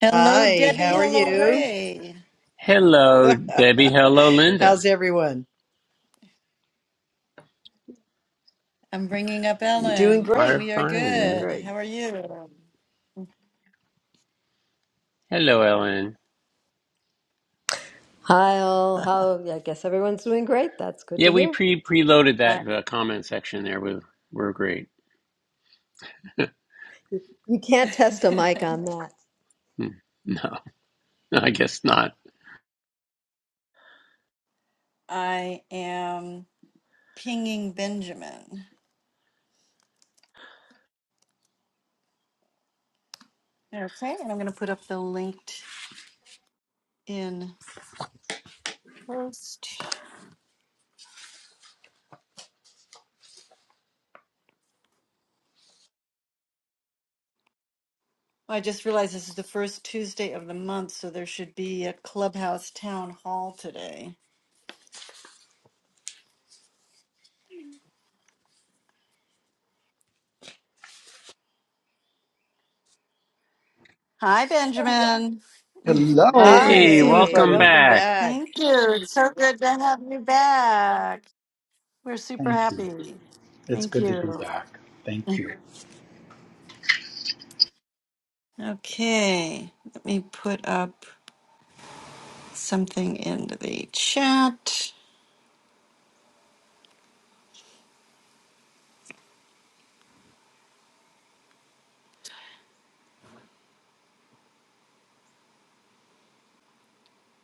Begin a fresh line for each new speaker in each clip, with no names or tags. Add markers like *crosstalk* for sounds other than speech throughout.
Hello,
Hi,
Debbie.
how are
Hello,
you?
Ray.
Hello, Debbie. Hello, Linda.
How's everyone?
I'm bringing up
We
Doing
Ellen.
great.
are
We are
Doing
fine.
good.
great.
How are you?
Hello, Ellen.
Hi all. How I guess everyone's doing great. That's good
Yeah,
to
we
hear.
pre preloaded
I,
that uh, comment section there. With we're great.
You can't test a mic on that.
Hmm, No, *laughs* I guess not.
*laughs* I am pinging Benjamin. Okay, and I'm going to put up the linked in post. I just realized this is the first Tuesday of the month, so there should be a clubhouse town hall today. Hi, Benjamin.
Hello, good to
Hey,
see
Hi,
welcome
everybody.
welcome
back.
back.
Thank you. It's so good to have you back. We're super
Thank you.
happy.
It's
Thank
good to be
you.
back.
*laughs*
Thank you.
Okay, let me put up something into the chat.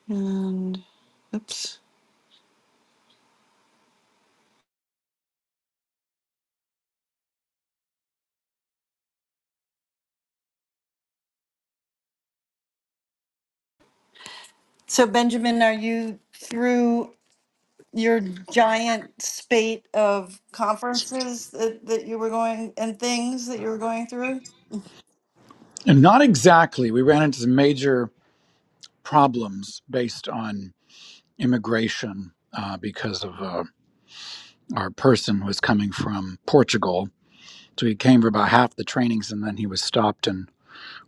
And oops. So, Benjamin, are you through your giant spate of conferences that, that you were going and things that you were going through?
And not exactly. We ran into some major problems based on immigration uh, because of uh, our person was coming from Portugal. So he came for about half the trainings and then he was stopped and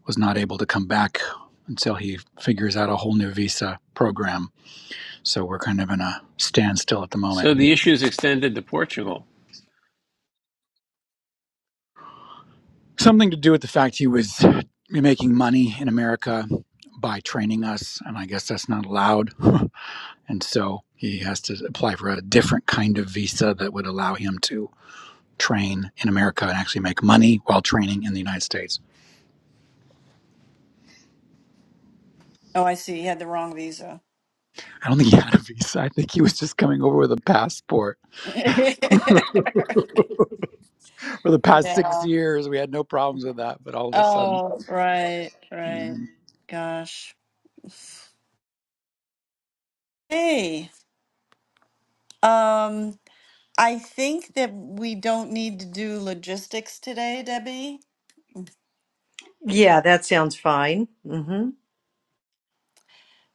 was not able to come back until he figures out a whole new visa program. So we're kind of in a standstill at the moment.
So the issue is extended to Portugal.
Something to do with the fact he was uh, making money in America by training us, and I guess that's not allowed. *laughs* and so he has to apply for a different kind of visa that would allow him to train in America and actually make money while training in the United States.
Oh, I see. You had the wrong visa.
I don't think he had a visa. I think he was just coming over with a passport.
*laughs* yeah.
For the past six years, we had no problems with that, but all of a sudden.
Oh, right, right. Gosh. Hey. Um, I think that we don't need to do logistics today, Debbie.
Yeah, that sounds fine. hmm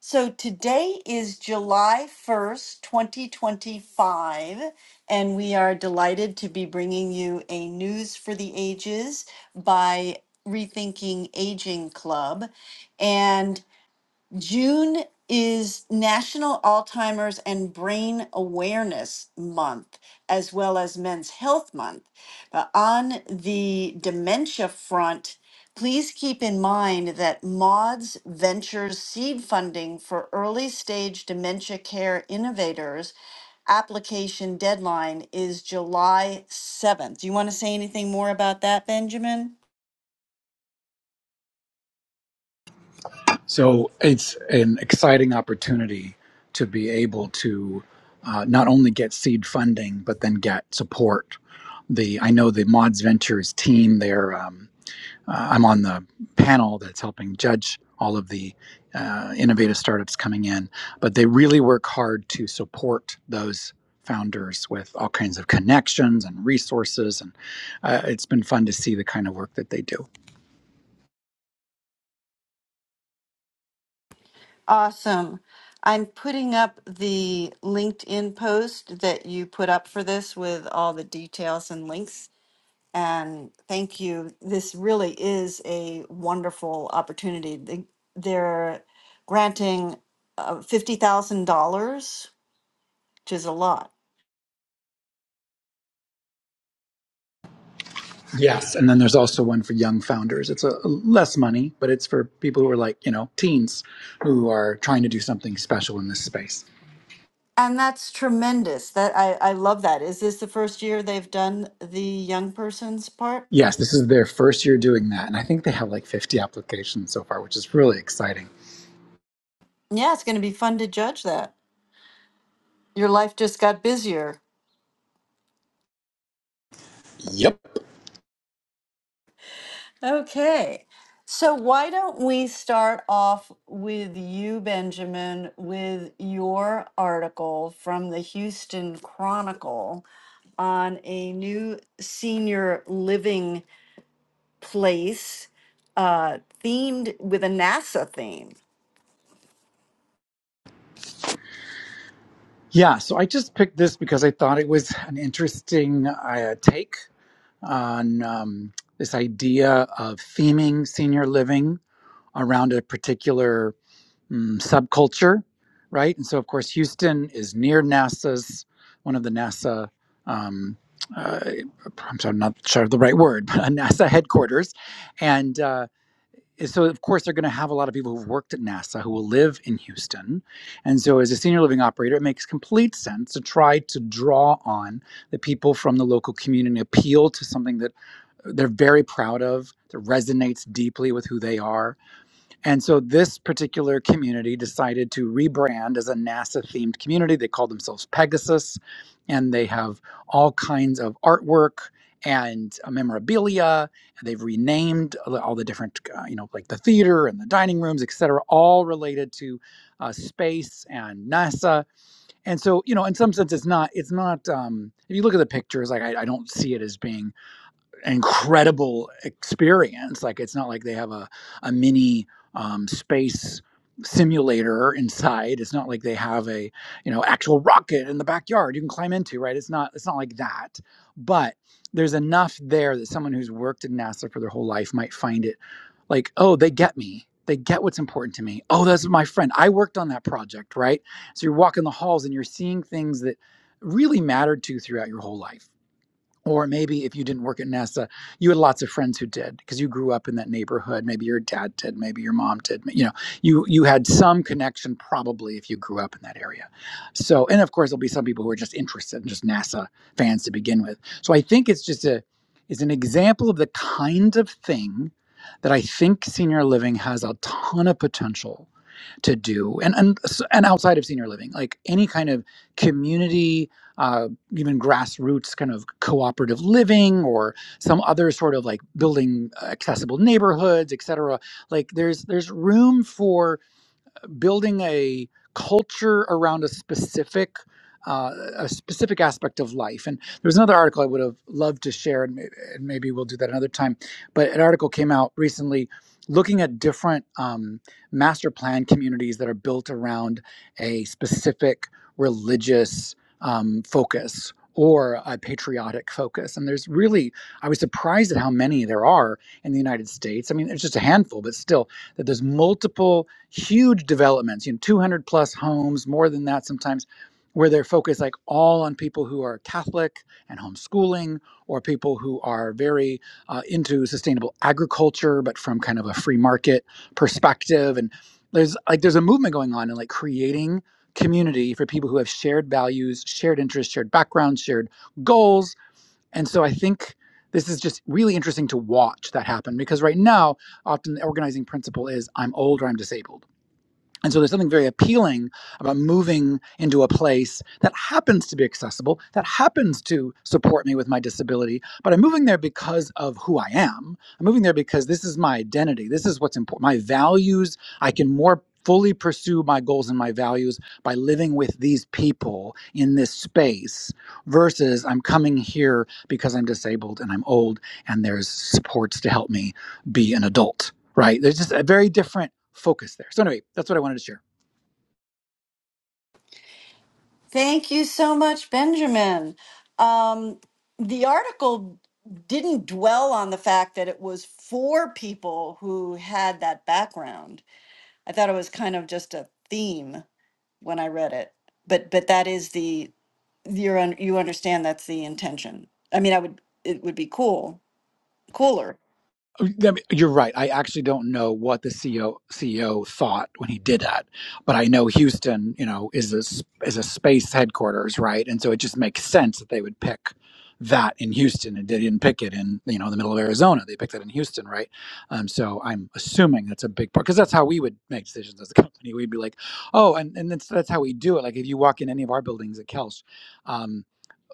So today is July 1st, 2025, and we are delighted to be bringing you a News for the Ages by Rethinking Aging Club. And June is National Alzheimer's and Brain Awareness Month, as well as Men's Health Month. But on the dementia front, please keep in mind that MODS Ventures seed funding for early stage dementia care innovators application deadline is July 7th. Do you want to say anything more about that, Benjamin?
So it's an exciting opportunity to be able to uh, not only get seed funding, but then get support. The I know the Mods Ventures team. They're um, uh, I'm on the panel that's helping judge all of the uh, innovative startups coming in, but they really work hard to support those founders with all kinds of connections and resources, and uh, it's been fun to see the kind of work that they do.
Awesome. I'm putting up the LinkedIn post that you put up for this with all the details and links. And thank you. This really is a wonderful opportunity. They- They're granting uh, $50,000, which is a lot.
Yes, and then there's also one for young founders. It's a, a less money, but it's for people who are like, you know, teens who are trying to do something special in this space.
And that's tremendous. That I, I love that. Is this the first year they've done the young person's part?
Yes, this is their first year doing that, and I think they have like 50 applications so far, which is really exciting.
Yeah, it's going to be fun to judge that. Your life just got busier.
Yep.
Okay. So why don't we start off with you, Benjamin, with your article from the Houston Chronicle on a new senior living place uh, themed with a NASA theme.
Yeah, so I just picked this because I thought it was an interesting uh, take on um, this idea of theming senior living around a particular mm, subculture, right? And so, of course, Houston is near NASA's one of the NASA. Um, uh, I'm sorry, I'm not sure of the right word, *laughs* but NASA headquarters, and uh, so of course they're going to have a lot of people who've worked at NASA who will live in Houston, and so as a senior living operator, it makes complete sense to try to draw on the people from the local community, appeal to something that they're very proud of, that resonates deeply with who they are, and so this particular community decided to rebrand as a NASA themed community. They call themselves Pegasus, and they have all kinds of artwork and uh, memorabilia. And they've renamed all the different, uh, you know, like the theater and the dining rooms, et cetera, all related to uh, space and NASA. And so, you know, in some sense, it's not, it's not, um, if you look at the pictures, like I, I don't see it as being incredible experience. Like it's not like they have a, a mini um, space simulator inside. It's not like they have a, you know, actual rocket in the backyard you can climb into, right? It's not it's not like that. But there's enough there that someone who's worked at NASA for their whole life might find it like, oh, they get me. They get what's important to me. Oh, that's my friend. I worked on that project, right? So you're walking the halls and you're seeing things that really mattered to you throughout your whole life or maybe if you didn't work at NASA, you had lots of friends who did because you grew up in that neighborhood. Maybe your dad did, maybe your mom did. You know, you you had some connection probably if you grew up in that area. So, and of course, there'll be some people who are just interested in just NASA fans to begin with. So, I think it's just a it's an example of the kind of thing that I think senior living has a ton of potential to do, and and and outside of senior living, like any kind of community uh, even grassroots kind of cooperative living or some other sort of like building accessible neighborhoods, et cetera. Like there's there's room for building a culture around a specific uh, a specific aspect of life. And there was another article I would have loved to share, and maybe, and maybe we'll do that another time. But an article came out recently looking at different um, master plan communities that are built around a specific religious um, focus or a patriotic focus. And there's really, I was surprised at how many there are in the United States. I mean, it's just a handful, but still, that there's multiple huge developments, you know, 200 plus homes, more than that sometimes, where they're focused like all on people who are Catholic and homeschooling, or people who are very uh, into sustainable agriculture, but from kind of a free market perspective. And there's like there's a movement going on in like creating community for people who have shared values, shared interests, shared backgrounds, shared goals. And so I think this is just really interesting to watch that happen because right now often the organizing principle is I'm old or I'm disabled and so there's something very appealing about moving into a place that happens to be accessible, that happens to support me with my disability, but I'm moving there because of who I am. I'm moving there because this is my identity. This is what's important. My values, I can more fully pursue my goals and my values by living with these people in this space versus I'm coming here because I'm disabled and I'm old and there's supports to help me be an adult. Right. There's just a very different focus there. So anyway, that's what I wanted to share.
Thank you so much, Benjamin. Um, the article didn't dwell on the fact that it was four people who had that background I thought it was kind of just a theme when I read it. But but that is the you're un, you understand that's the intention. I mean, I would it would be cool, cooler.
You're right. I actually don't know what the CEO CEO thought when he did that, but I know Houston, you know, is a is a space headquarters, right? And so it just makes sense that they would pick that in Houston, and they didn't pick it in you know the middle of Arizona. They picked it in Houston, right? Um, so I'm assuming that's a big part because that's how we would make decisions as a *laughs* company. We'd be like, oh, and and that's that's how we do it. Like if you walk in any of our buildings at Kelsch. um,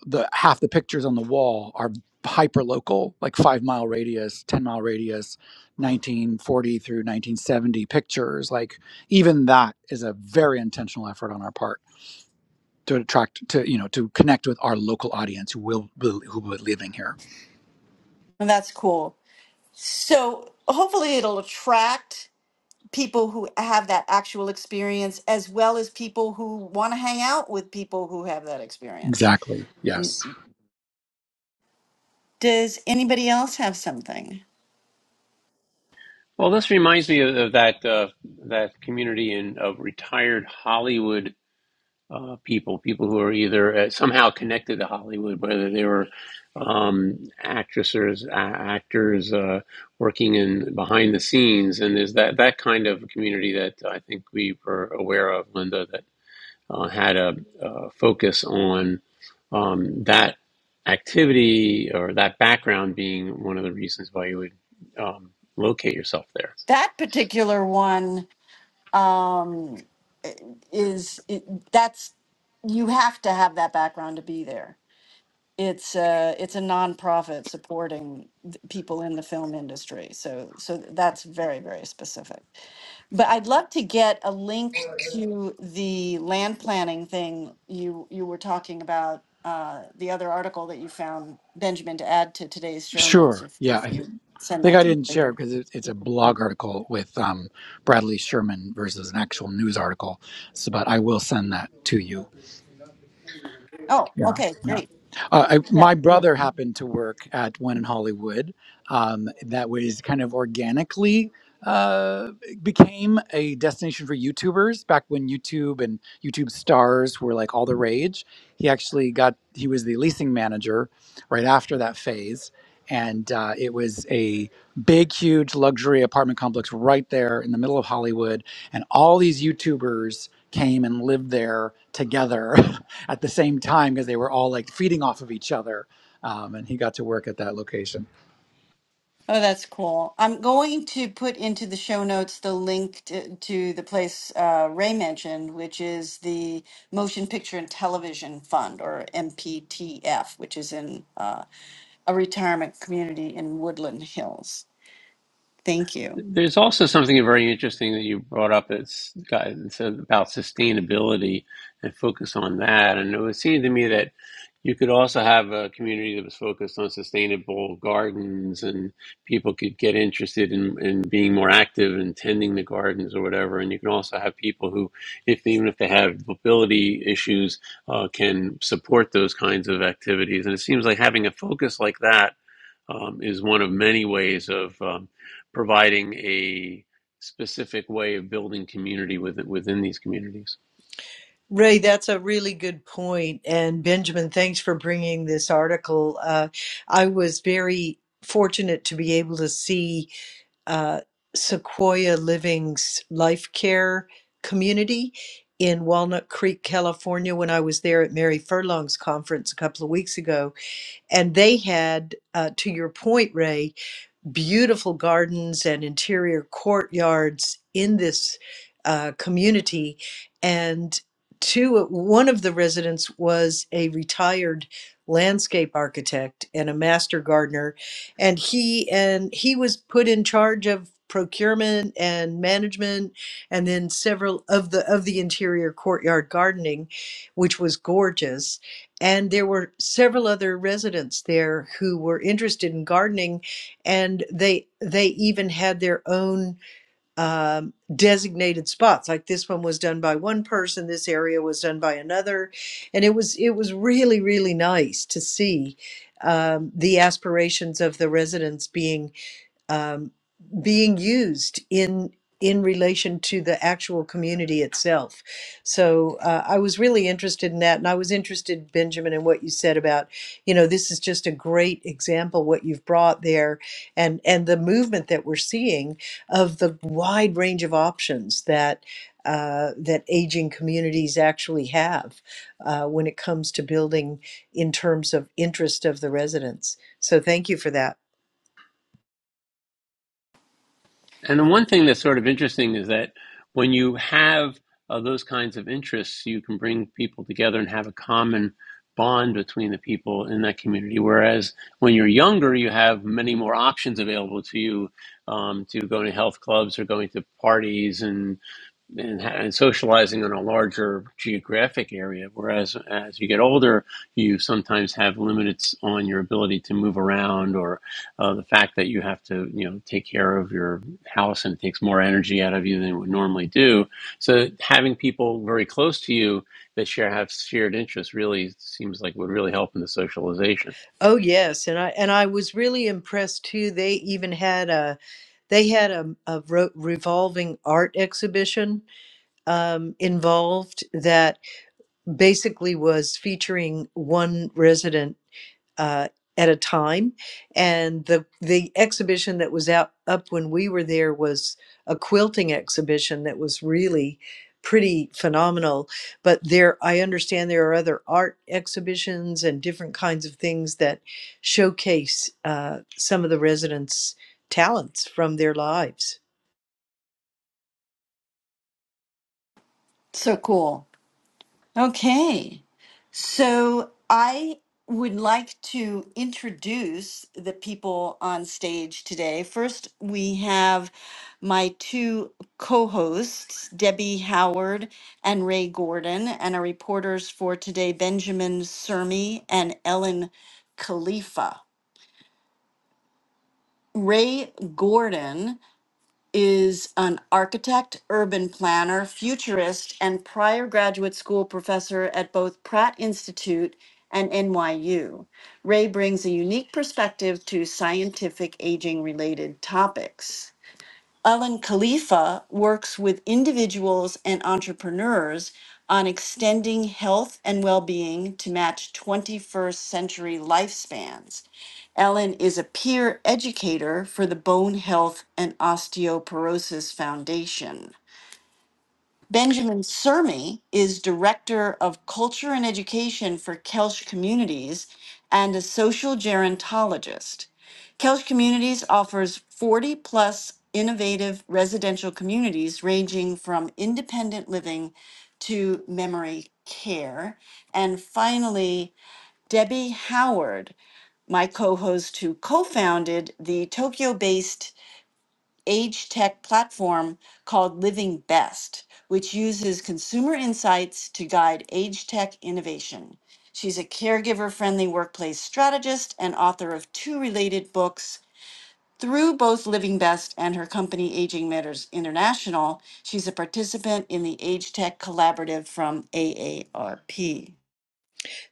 the half the pictures on the wall are hyper local, like five mile radius, 10 mile radius, 1940 through 1970 pictures. Like even that is a very intentional effort on our part to attract, to, you know, to connect with our local audience who will, will who will be living here.
And that's cool. So hopefully it'll attract people who have that actual experience as well as people who want to hang out with people who have that experience.
Exactly.
And
Yes.
does anybody else have something?
Well, this reminds me of, of that uh, that community in, of retired Hollywood uh, people, people who are either uh, somehow connected to Hollywood, whether they were um, actresses, a- actors uh, working in behind the scenes, and there's that that kind of community that I think we were aware of, Linda, that uh, had a, uh focus on um, that activity or that background being one of the reasons why you would um, locate yourself there.
That particular one um, is it, that's you have to have that background to be there. It's a it's a nonprofit supporting th- people in the film industry, so so that's very very specific. But I'd love to get a link to the land planning thing you you were talking about, uh, the other article that you found, Benjamin, to add to today's show notes
Sure.
if
Yeah.
if
I, th-
you
I
send
think
that
I
to me
didn't share
later.
because it, it's a blog article with um, Bradley Sherman versus an actual news article. So, but I will send that to you
Oh,
Yeah,
okay,
yeah.
great.
Uh, I,
Yeah.
my
yeah.
brother happened to work at one in Hollywood um, that was kind of organically uh, became a destination for YouTubers back when YouTube and YouTube stars were like all the rage. He actually got, he was the leasing manager right after that phase. And uh, it was a big, huge luxury apartment complex right there in the middle of Hollywood. And all these YouTubers came and lived there together *laughs* at the same time because they were all like feeding off of each other. Um, and he got to work at that location.
Oh, that's cool. I'm going to put into the show notes the link to, to the place uh, Ray mentioned, which is the Motion Picture and Television Fund, or MPTF, which is in uh, a retirement community in Woodland Hills. Thank you.
There's also something very interesting that you brought up. It's got it's about sustainability and focus on that. And it would seem to me that you could also have a community that was focused on sustainable gardens, and people could get interested in, in being more active and tending the gardens or whatever. And you can also have people who, if even if they have mobility issues, uh, can support those kinds of activities. And it seems like having a focus like that um, is one of many ways of um, providing a specific way of building community with, within these communities.
Ray, that's a really good point. And Benjamin, thanks for bringing this article. Uh, I was very fortunate to be able to see uh, Sequoia Living's life care community in Walnut Creek, California, when I was there at Mary Furlong's conference a couple of weeks ago. and they had uh, to your point ray beautiful gardens and interior courtyards in this uh, community. And two, one of the residents was a retired landscape architect and a master gardener, and he and he was put in charge of procurement and management and then several of the of the interior courtyard gardening which was gorgeous and there were several other residents there who were interested in gardening and they they even had their own um, designated spots like this one was done by one person this area was done by another and it was it was really really nice to see um, the aspirations of the residents being um, being used in in relation to the actual community itself. So uh, I was really interested in that, and I was interested, Benjamin, in what you said about, you know, this is just a great example what you've brought there, and and the movement that we're seeing of the wide range of options that. Uh, that aging communities actually have uh, when it comes to building in terms of interest of the residents. So, thank you for that.
And the one thing that's sort of interesting is that when you have uh, those kinds of interests, you can bring people together and have a common bond between the people in that community. Whereas when you're younger, you have many more options available to you um, to go to health clubs or going to parties and and, and socializing in a larger geographic area. Whereas as you get older, you sometimes have limits on your ability to move around, or uh, the fact that you have to, you know, take care of your house and it takes more energy out of you than it would normally do. So having people very close to you that share have shared interests really seems like would really help in the socialization.
Oh yes, and I and I was really impressed too. They even had a they had a, a ro- revolving art exhibition um, involved that basically was featuring one resident uh, at a time. And the the exhibition that was out up when we were there was a quilting exhibition that was really pretty phenomenal. But there, I understand there are other art exhibitions and different kinds of things that showcase uh, some of the residents' talents from their lives.
So cool. Okay. So I would like to introduce the people on stage today. First, we have my two co hosts, Debbie Howard and Ray Gordon, and our reporters for today, Benjamin Sermi and Ellen Khalifa. Ray Gordon is an architect, urban planner, futurist, and prior graduate school professor at both Pratt Institute and NYU. Ray brings a unique perspective to scientific aging related topics. Alan Khalifa works with individuals and entrepreneurs on extending health and well being to match 21st century lifespans. Ellen is a peer educator for the Bone Health and Osteoporosis Foundation. Benjamin Sermi is Director of Culture and Education for Kelsch Communities and a social gerontologist. Kelsch Communities offers 40 plus innovative residential communities ranging from independent living to memory care. And finally, Debbie Howard, my co host who co founded the Tokyo based age tech platform called Living Best, which uses consumer insights to guide age tech innovation. She's a caregiver friendly workplace strategist and author of two related books. Through both Living Best and her company Aging Matters International, she's a participant in the Age Tech Collaborative from AARP.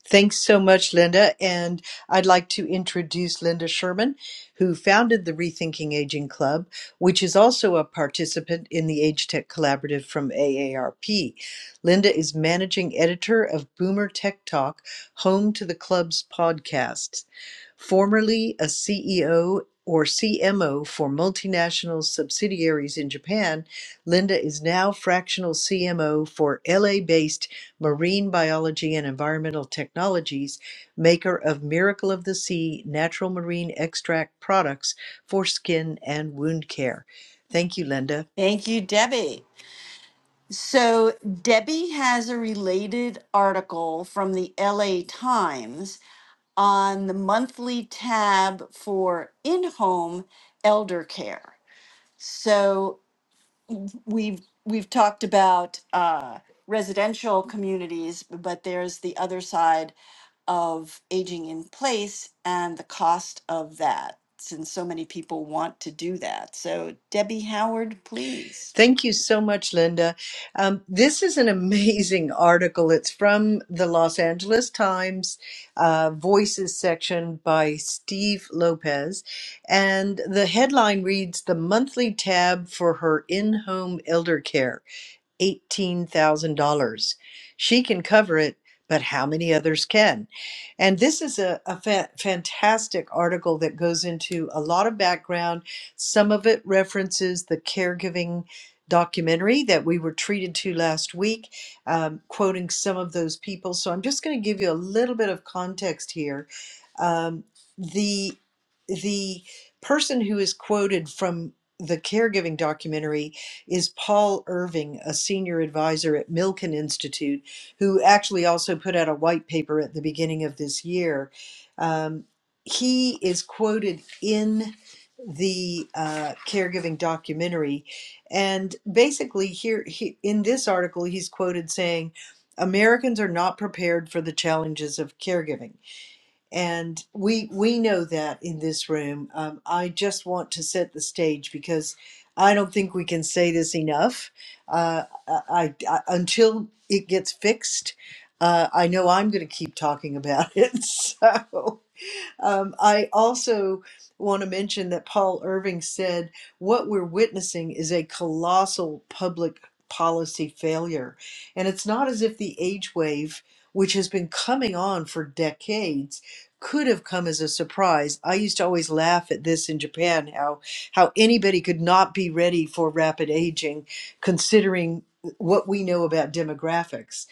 Thanks so much, Linda. And I'd like to introduce Linda Sherman, who founded the Rethinking Aging Club, which is also a participant in the Age Tech Collaborative from AARP. Linda is managing editor of Boomer Tech Talk, home to the club's podcasts. Formerly a CEO or CMO for multinational subsidiaries in Japan, Linda is now fractional CMO for LA based Marine Biology and Environmental Technologies, maker of Miracle of the Sea natural marine extract products for skin and wound care. Thank you, Linda.
Thank you, Debbie. So, Debbie has a related article from the LA Times on the monthly tab for in-home elder care. So we've we've talked about uh, residential communities, but there's the other side of aging in place and the cost of that, since so many people want to do that. So Debbie Howard, please.
Thank you so much, Linda. Um, this is an *laughs* amazing article. It's from the Los Angeles Times uh, Voices section by Steve Lopez. And the headline reads The Monthly Tab for Her In Home Elder Care. $18,000. She can cover it, but how many others can? And this is a, a fa- fantastic article that goes into a lot of background. Some of it references the caregiving documentary that we were treated to last week, um, quoting some of those people. So I'm just going to give you a little bit of context here. Um, the the person who is quoted from the caregiving documentary is Paul Irving, a senior advisor at Milken Institute, who actually also put out a white paper at the beginning of this year. Um, he is quoted in the uh, caregiving documentary, and basically here he, in this article, he's quoted saying, "Americans are not prepared for the challenges of caregiving." and we we know that in this room. Um, I just want to set the stage because I don't think we can say this enough. Uh, I, I until it gets fixed, uh, I know I'm going to keep talking about *laughs* it. So um, I also want to mention that Paul Irving said, What we're witnessing is a colossal public policy failure. And it's not as if the age wave, which has been coming on for decades, could have come as a surprise. I used to always laugh at this in Japan how how anybody could not be ready for rapid aging considering what we know about demographics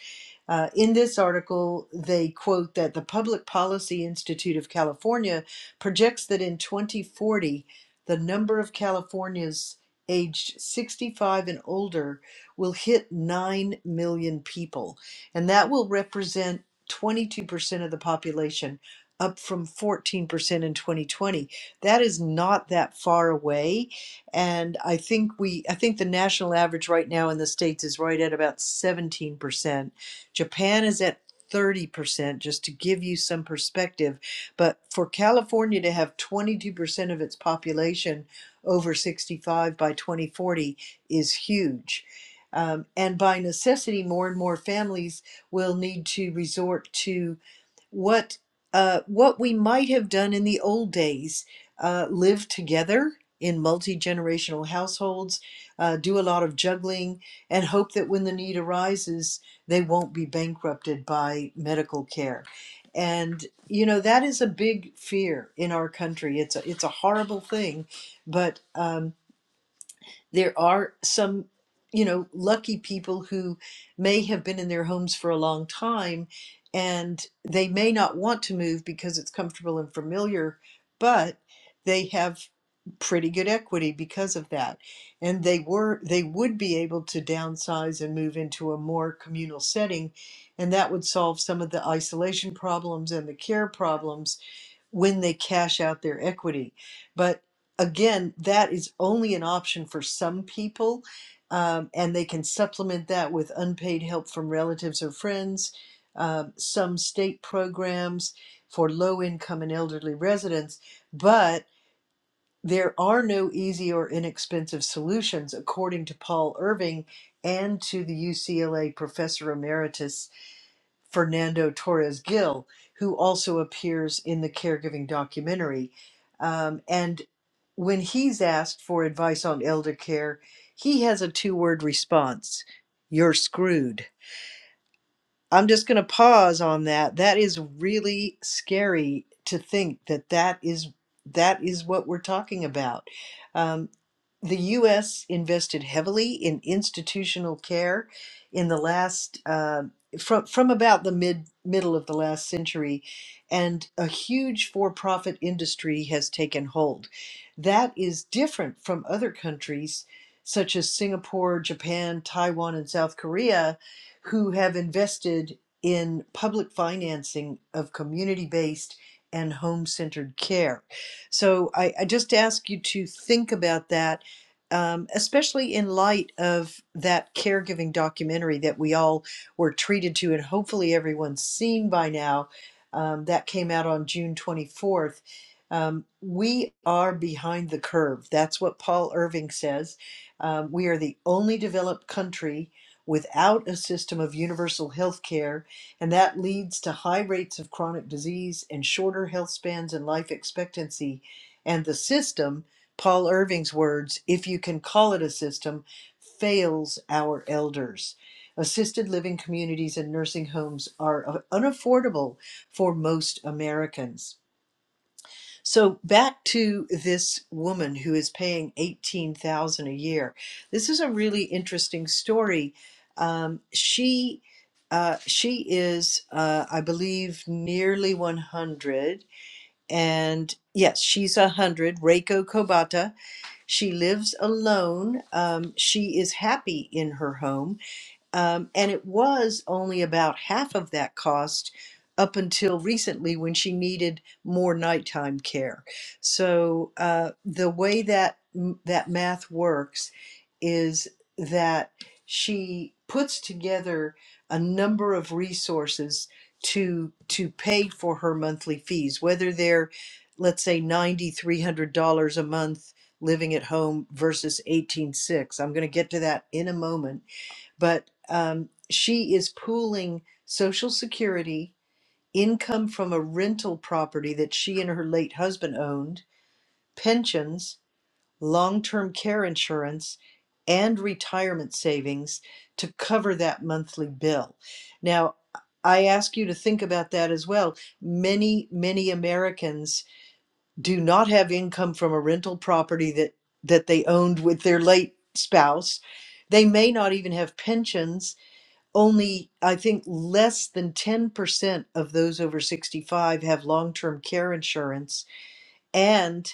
uh, in this article, they quote that the Public Policy Institute of California projects that in 2040, the number of Californians aged 65 and older will hit 9 million people, and that will represent 22% of the population, up from 14% in 2020. That is not that far away, and I think we I think the national average right now in the states is right at about 17% Japan is at 30%, just to give you some perspective. But for California to have 22% of its population over 65 by 2040 is huge. Um, and by necessity, more and more families will need to resort to what uh, what we might have done in the old days uh, live together in multi-generational households uh, do a lot of juggling and hope that when the need arises they won't be bankrupted by medical care and you know that is a big fear in our country it's a, it's a horrible thing but um, there are some, you know, lucky people who may have been in their homes for a long time and they may not want to move because it's comfortable and familiar, but they have pretty good equity because of that. And they were they would be able to downsize and move into a more communal setting and that would solve some of the isolation problems and the care problems when they cash out their equity. But again, that is only an option for some people, um, and they can supplement that with unpaid help from relatives or friends. Um, some state programs for low income and elderly residents, but there are no easy or inexpensive solutions, according to Paul Irving and to the UCLA professor emeritus Fernando Torres Gil, who also appears in the caregiving documentary. Um, and when he's asked for advice on elder care, he has a two word response You're screwed. I'm just going to pause on that. That is really scary to think that that is that is what we're talking about. Um, the U.S. invested heavily in institutional care in the last uh, from from about the mid middle of the last century, and a huge for-profit industry has taken hold. That is different from other countries such as Singapore, Japan, Taiwan, and South Korea who have invested in public financing of community based and home centered care. So I, I just ask you to think about that, um, especially in light of that caregiving documentary that we all were treated to, and hopefully everyone's seen by now. Um, that came out on June 24th. Um, we are behind the curve. That's what Paul Irving says. Um, we are the only developed country without a system of universal health care, and that leads to high rates of chronic disease and shorter health spans and life expectancy. And the system, Paul Irving's words, if you can call it a system, fails our elders. Assisted living communities and nursing homes are uh, unaffordable for most Americans. So back to this woman who is paying eighteen thousand a year. This is a really interesting story. Um, she uh, she is, uh, I believe, nearly one hundred, and yes, she's a hundred. Reiko Kobata. She lives alone. Um, she is happy in her home. Um, and it was only about half of that cost up until recently when she needed more nighttime care. So uh, the way that that math works is that she puts together a number of resources to to pay for her monthly fees, whether they're let's say ninety three hundred dollars a month living at home versus eighteen six. I'm going to get to that in a moment but um, she is pooling Social Security, income from a rental property that she and her late husband owned, pensions, long term care insurance, and retirement savings to cover that monthly bill. Now, I ask you to think about that as well. Many, many Americans do not have income from a rental property that, that they owned with their late spouse. They may not even have pensions only I think less than 10% of those over 65 have long term care insurance. And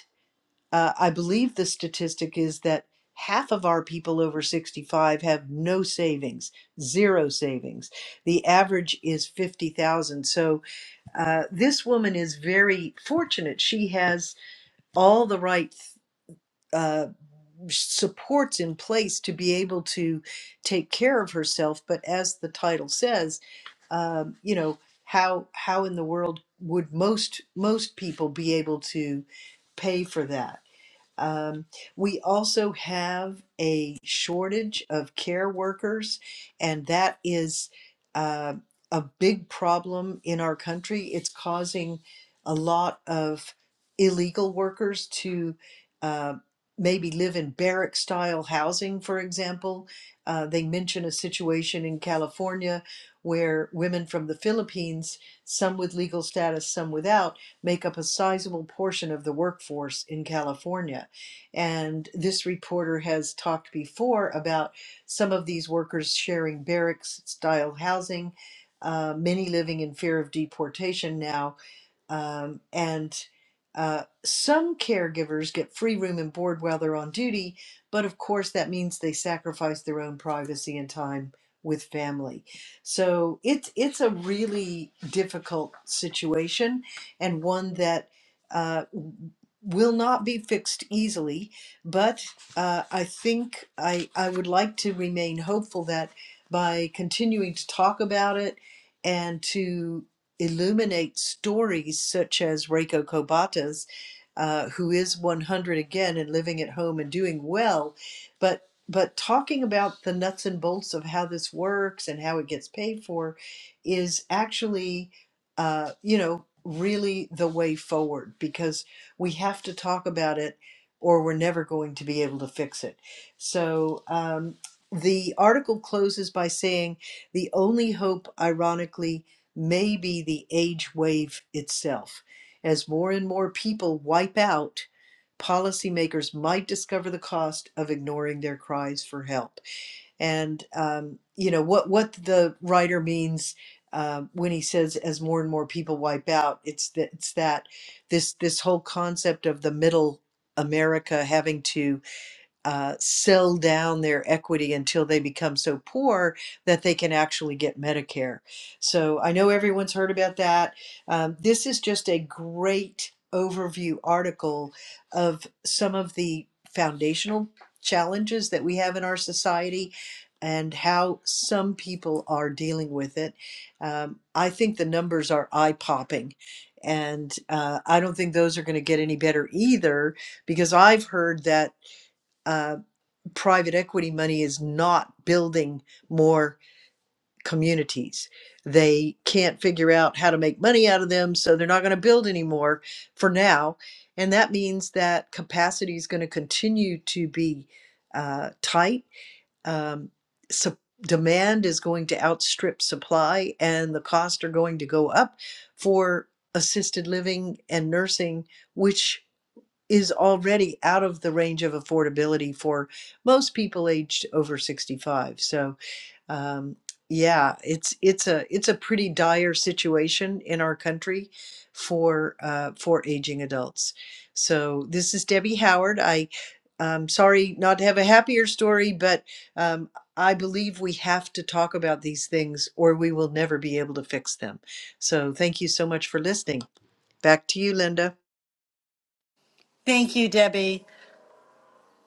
uh, I believe the statistic is that half of our people over 65 have no savings, zero savings. The average is 50,000. So uh, this woman is very fortunate. She has all the right. uh, supports in place to be able to take care of herself. But as the title says, um, you know, how how in the world would most most people be able to pay for that? Um, we also have a shortage of care workers, and that is uh, a big problem in our country. It's causing a lot of illegal workers to uh, maybe live in barrack style housing, for example. Uh, they mention a situation in California where women from the Philippines, some with legal status, some without, make up a sizable portion of the workforce in California and this reporter has talked before about some of these workers sharing barracks style housing, uh, many living in fear of deportation now um, and uh, some caregivers get free room and board while they're on duty, but of course, that means they sacrifice their own privacy and time with family. So it's it's a really difficult situation, and one that uh, will not be fixed easily. But uh, I think I I would like to remain hopeful that by continuing to talk about it and to illuminate stories such as Reiko Kobata's, uh, who is 100 again and living at home and doing well, but but talking about the nuts and bolts of how this works and how it gets paid for is actually, uh, you know, really the way forward because we have to talk about it or we're never going to be able to fix it. So um, the article closes by saying the only hope, ironically, may be the age wave itself. As more and more people wipe out, policymakers might discover the cost of ignoring their cries for help. And um, you know what what the writer means um when he says, "As more and more people wipe out," it's that it's that this this whole concept of the middle America having to uh, sell down their equity until they become so poor that they can actually get Medicare. So I know everyone's heard about that. Um, this is just a great overview article of some of the foundational challenges that we have in our society and how some people are dealing with it. Um, I think the numbers are eye popping. And uh, I don't think those are going to get any better either, because I've heard that uh, private equity money is not building more communities. They can't figure out how to make money out of them, so they're not going to build anymore for now. And that means that capacity is going to continue to be uh, tight. Um, sup- demand is going to outstrip supply, and the costs are going to go up for assisted living and nursing, which is already out of the range of affordability for most people aged over 65 so um, yeah it's it's a it's a pretty dire situation in our country for uh, for aging adults so this is debbie howard i i'm sorry not to have a happier story but um, i believe we have to talk about these things or we will never be able to fix them so thank you so much for listening back to you linda
Thank you, Debbie.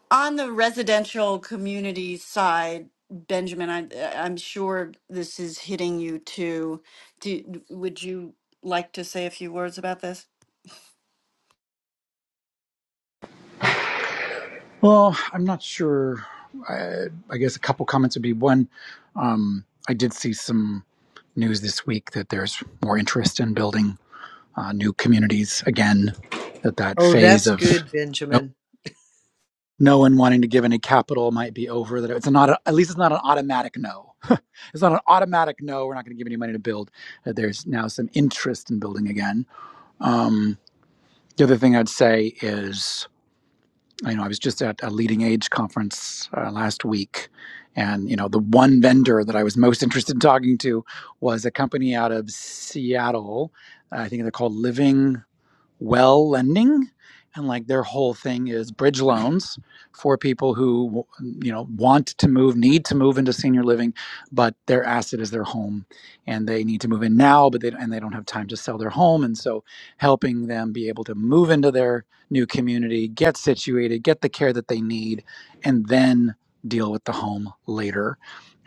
On the residential community side, Benjamin, I, I'm sure this is hitting you too. Do, would you like to say a few words about this?
Well, I'm not sure. I, I guess a couple comments would be one. Um, I did see some news this week that there's more interest in building uh, new communities again. That that
oh
phase
that's
of
good
no,
benjamin
no one wanting to give any capital might be over. That it's not a, at least it's not an automatic no. *laughs* it's not an automatic no. We're not going to give any money to build. That there's now some interest in building again. Um, The other thing I'd say is, you know, I was just at a leading age conference uh, last week, and you know, the one vendor that I was most interested in talking to was a company out of Seattle. I think they're called Living well lending and like their whole thing is bridge loans for people who you know want to move need to move into senior living but their asset is their home and they need to move in now but they and they don't have time to sell their home and so helping them be able to move into their new community get situated get the care that they need and then deal with the home later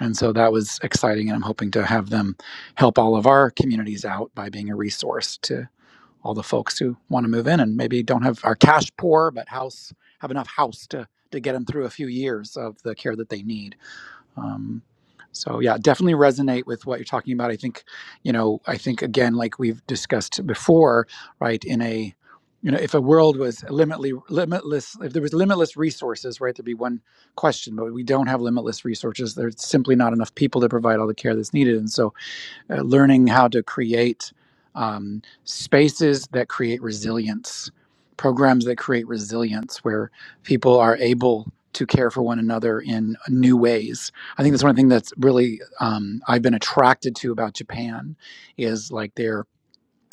and so that was exciting and i'm hoping to have them help all of our communities out by being a resource to all the folks who want to move in and maybe don't have are cash poor but house have enough house to to get them through a few years of the care that they need um, so yeah definitely resonate with what you're talking about i think you know i think again like we've discussed before right in a you know if a world was limitless limitless if there was limitless resources right there'd be one question but we don't have limitless resources there's simply not enough people to provide all the care that's needed and so uh, learning how to create um, spaces that create resilience, programs that create resilience where people are able to care for one another in new ways. I think that's one thing that's really um, I've been attracted to about Japan is like their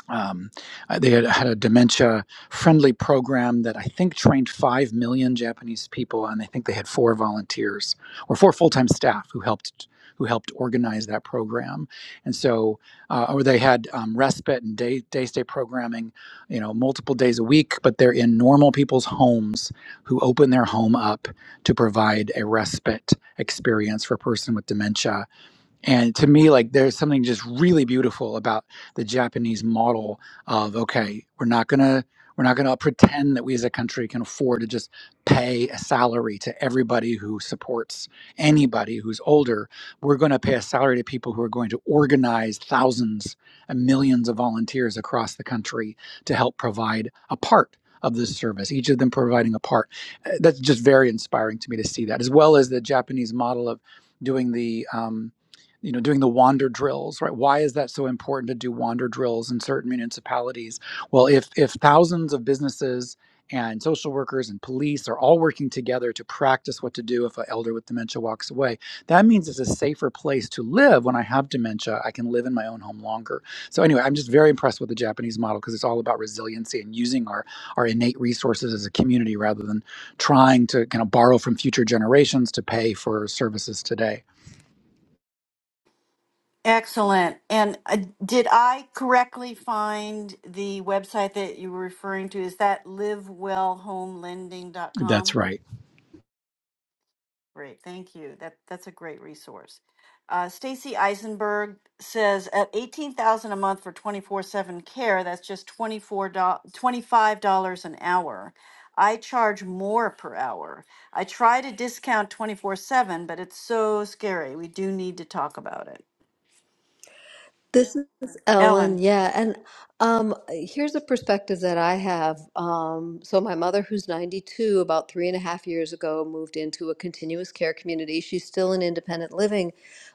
um, uh, they had, had a dementia friendly program that I think trained 5 million Japanese people and I think they had four volunteers or four full-time staff who helped who helped organize that program and so uh, or they had um, respite and day day stay programming you know multiple days a week but they're in normal people's homes who open their home up to provide a respite experience for a person with dementia and to me like there's something just really beautiful about the japanese model of okay we're not gonna we're not gonna pretend that we as a country can afford to just pay a salary to everybody who supports anybody who's older we're gonna pay a salary to people who are going to organize thousands and millions of volunteers across the country to help provide a part of this service each of them providing a part Uh, that's just very inspiring to me to see that as well as the japanese model of doing the um, you know doing the wander drills right why is that so important to do wander drills in certain municipalities well if if thousands of businesses and social workers and police are all working together to practice what to do if an elder with dementia walks away that means it's a safer place to live when i have dementia i can live in my own home longer so anyway i'm just very impressed with the japanese model because it's all about resiliency and using our our innate resources as a community rather than trying to kind of borrow from future generations to pay for services today
Excellent. And uh, did I correctly find the website that you were referring to? Is that
that's
livewellhomelending.com?
right
Great, thank you. That that's a great resource. Uh, Stacy Eisenberg says at eighteen thousand a month for twenty four seven care, that's just twenty four twenty five dollars an hour. I charge more per hour. I try to discount twenty four seven, but it's so scary. We do need to talk about it.
This is Ellen.
Ellen,
Yeah, and um, here's a perspective that I have. Um, so my mother, who's 92, about three and a half years ago, moved into a continuous care community. She's still in independent living,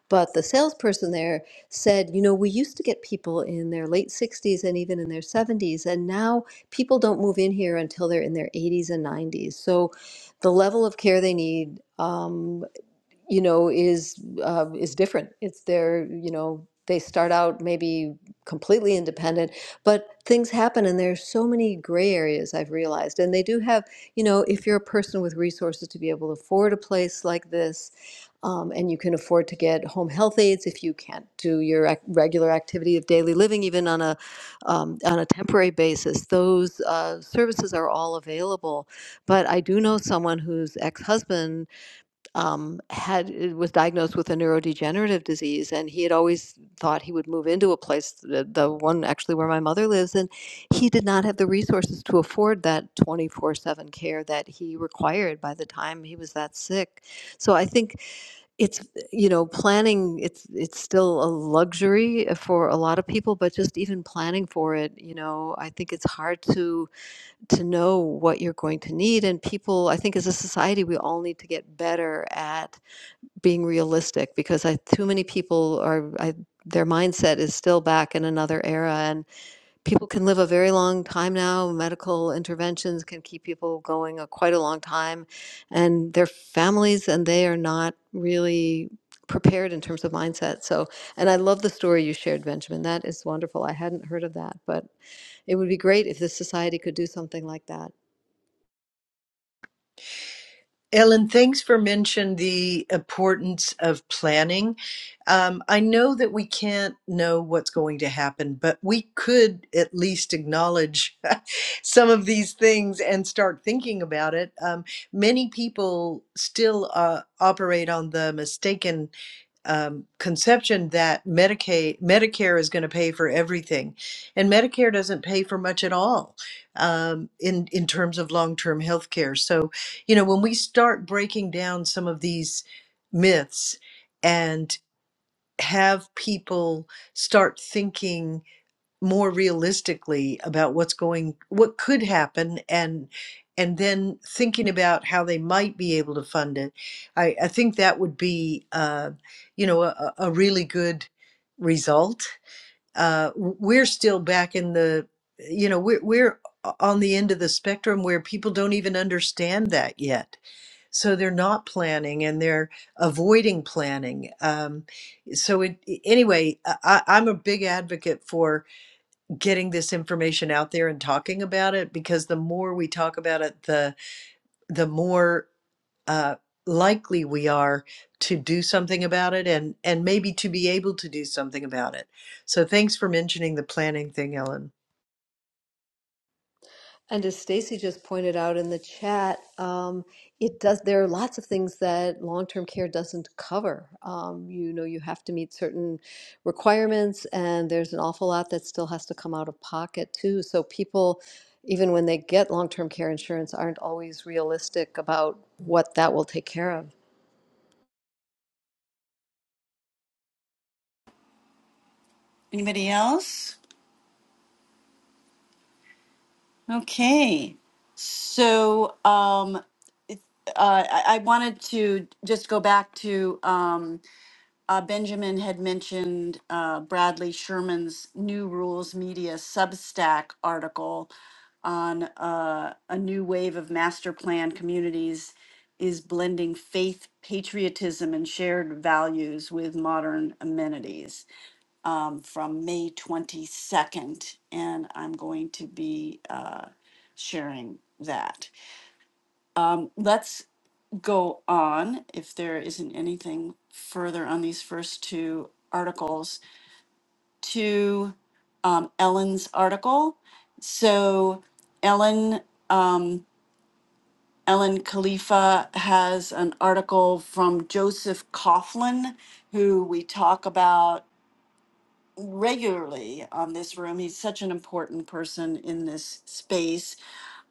but the salesperson there said, you know, we used to get people in their late 60s and even in their 70s, and now people don't move in here until they're in their 80s and 90s. So the level of care they need. Um, you know, is uh, is different. It's their, you know, they start out maybe completely independent, but things happen, and there's so many gray areas I've realized. And they do have, you know, if you're a person with resources to be able to afford a place like this, um, and you can afford to get home health aides if you can't do your ac- regular activity of daily living, even on a um, on a temporary basis, those uh, services are all available. But I do know someone whose ex-husband um, had uh, was diagnosed with a neurodegenerative disease, and he had always thought he would move into a place, the, the one actually where my mother lives, and he did not have the resources to afford that twenty four seven care that he required by the time he was that sick. So I think it's you know planning it's it's still a luxury uh, for a lot of people, but just even planning for it, you know, I think it's hard to to know what you're going to need, and people I think as a society we all need to get better at being realistic because I too many people are I their mindset is still back in another era and people can live a very long time now. Medical interventions can keep people going a, quite a long time and their families and they are not really prepared in terms of mindset. So and I love the story you shared, Benjamin. That is wonderful. I hadn't heard of that, but it would be great if this society could do something like that.
Ellen, thanks for mentioning the importance of planning. Um, I know that we can't know what's going to happen, but we could at least acknowledge *laughs* some of these things and start thinking about it. Um, many people still uh, operate on the mistaken um, conception that Medicaid, Medicare is going to pay for everything, and Medicare doesn't pay for much at all um, in in terms of long term health care. So, you know, when we start breaking down some of these myths and have people start thinking more realistically about what's going what could happen and and then thinking about how they might be able to fund it i, I think that would be uh, you know a, a really good result uh, w- we're still back in the you know we're, we're o- on the end of the spectrum where people don't even understand that yet so they're not planning and they're avoiding planning um, so it, anyway I, I- i'm a big advocate for getting this information out there and talking about it because the more we talk about it the the more uh, likely we are to do something about it and and maybe to be able to do something about it so thanks for mentioning the planning thing ellen
And as Stacy just pointed out in the chat, um, it does. There are lots of things that long-term care doesn't cover. Um, you know, you have to meet certain requirements, and there's an awful lot that still has to come out of pocket too. So people, even when they get long-term care insurance, aren't always realistic about what that will take care of.
anybody else? Okay. So um, uh, I, I wanted to just go back to. Um, Uh, Benjamin had mentioned uh, Bradley Sherman's New Rules Media Substack article on uh, a new wave of master plan communities is blending faith, patriotism, and shared values with modern amenities um, from May 22nd. And I'm going to be uh, sharing that. Um, let's go on, if there isn't anything further on these first two articles, to um, Ellen's article. So Ellen, um, Ellen Khalifa has an article from Joseph Coughlin, who we talk about regularly on this room. He's such an important person in this space.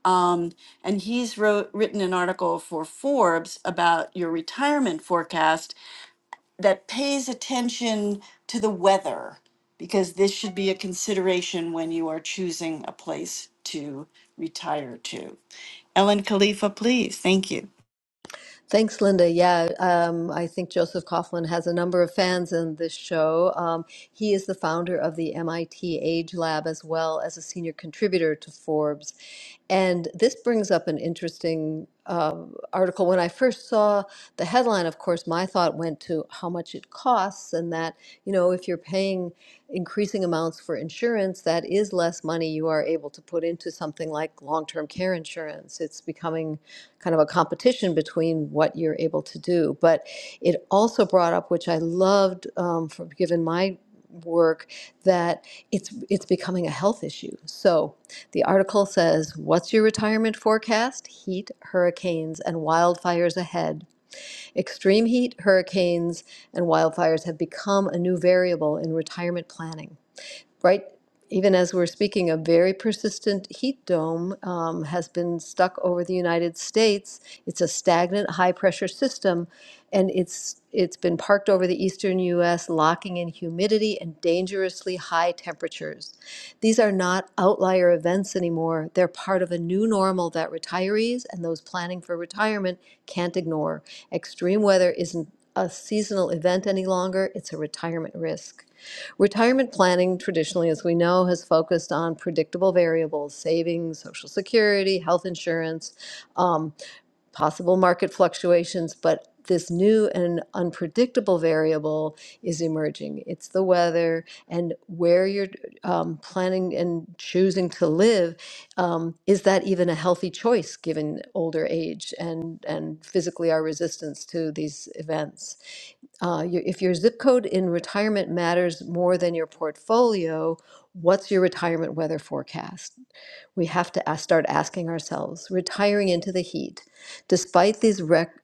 Um, and he's wrote, written an article for Forbes about your retirement forecast that pays attention to the weather because this should be a consideration when you are choosing a place to retire to. Ellen Khalifa, please. Thank you.
Thanks, Linda. Yeah, um, I think Joseph Coughlin has a number of fans in this show. Um, he is the founder of the MIT Age Lab as well as a senior contributor to Forbes. And this brings up an interesting um, article. When I first saw the headline, of course, my thought went to how much it costs, and that, you know, if you're paying increasing amounts for insurance, that is less money you are able to put into something like long term care insurance. It's becoming kind of a competition between what you're able to do. But it also brought up, which I loved um, from given my work, that it's it's becoming a health issue. So the article says, "What's your retirement forecast? Heat, hurricanes, and wildfires ahead. Extreme heat, hurricanes, and wildfires have become a new variable in retirement planning." right even as we're speaking a very persistent heat dome um, has been stuck over the united states it's a stagnant high pressure system and it's it's been parked over the eastern us locking in humidity and dangerously high temperatures these are not outlier events anymore they're part of a new normal that retirees and those planning for retirement can't ignore extreme weather isn't a seasonal event any longer it's a retirement risk Retirement planning traditionally, as we know, has focused on predictable variables, savings, social security, health insurance. Um, possible market fluctuations, but this new and unpredictable variable is emerging. It's the weather and where you're um, planning and choosing to live. Um, is that even a healthy choice given older age and, and physically our resistance to these events? uh, your, if your zip code in retirement matters more than your portfolio, what's your retirement weather forecast? We have to ask, start asking ourselves retiring into the heat. Despite these rec-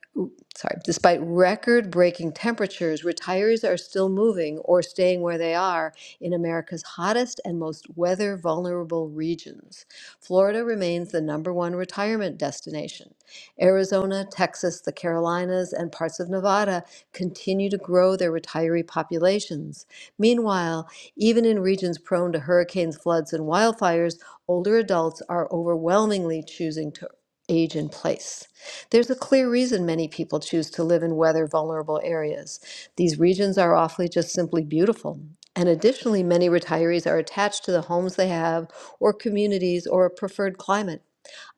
sorry, despite record-breaking temperatures, retirees are still moving or staying where they are in America's hottest and most weather-vulnerable regions. Florida remains the number one retirement destination. Arizona, Texas, the Carolinas, and parts of Nevada continue to grow their retiree populations. Meanwhile, even in regions prone to hurricanes, floods, and wildfires, older adults are overwhelmingly choosing to age in place. There's a clear reason many people choose to live in weather vulnerable areas. These regions are awfully just simply beautiful. And additionally, many retirees are attached to the homes they have, or communities, or a preferred climate.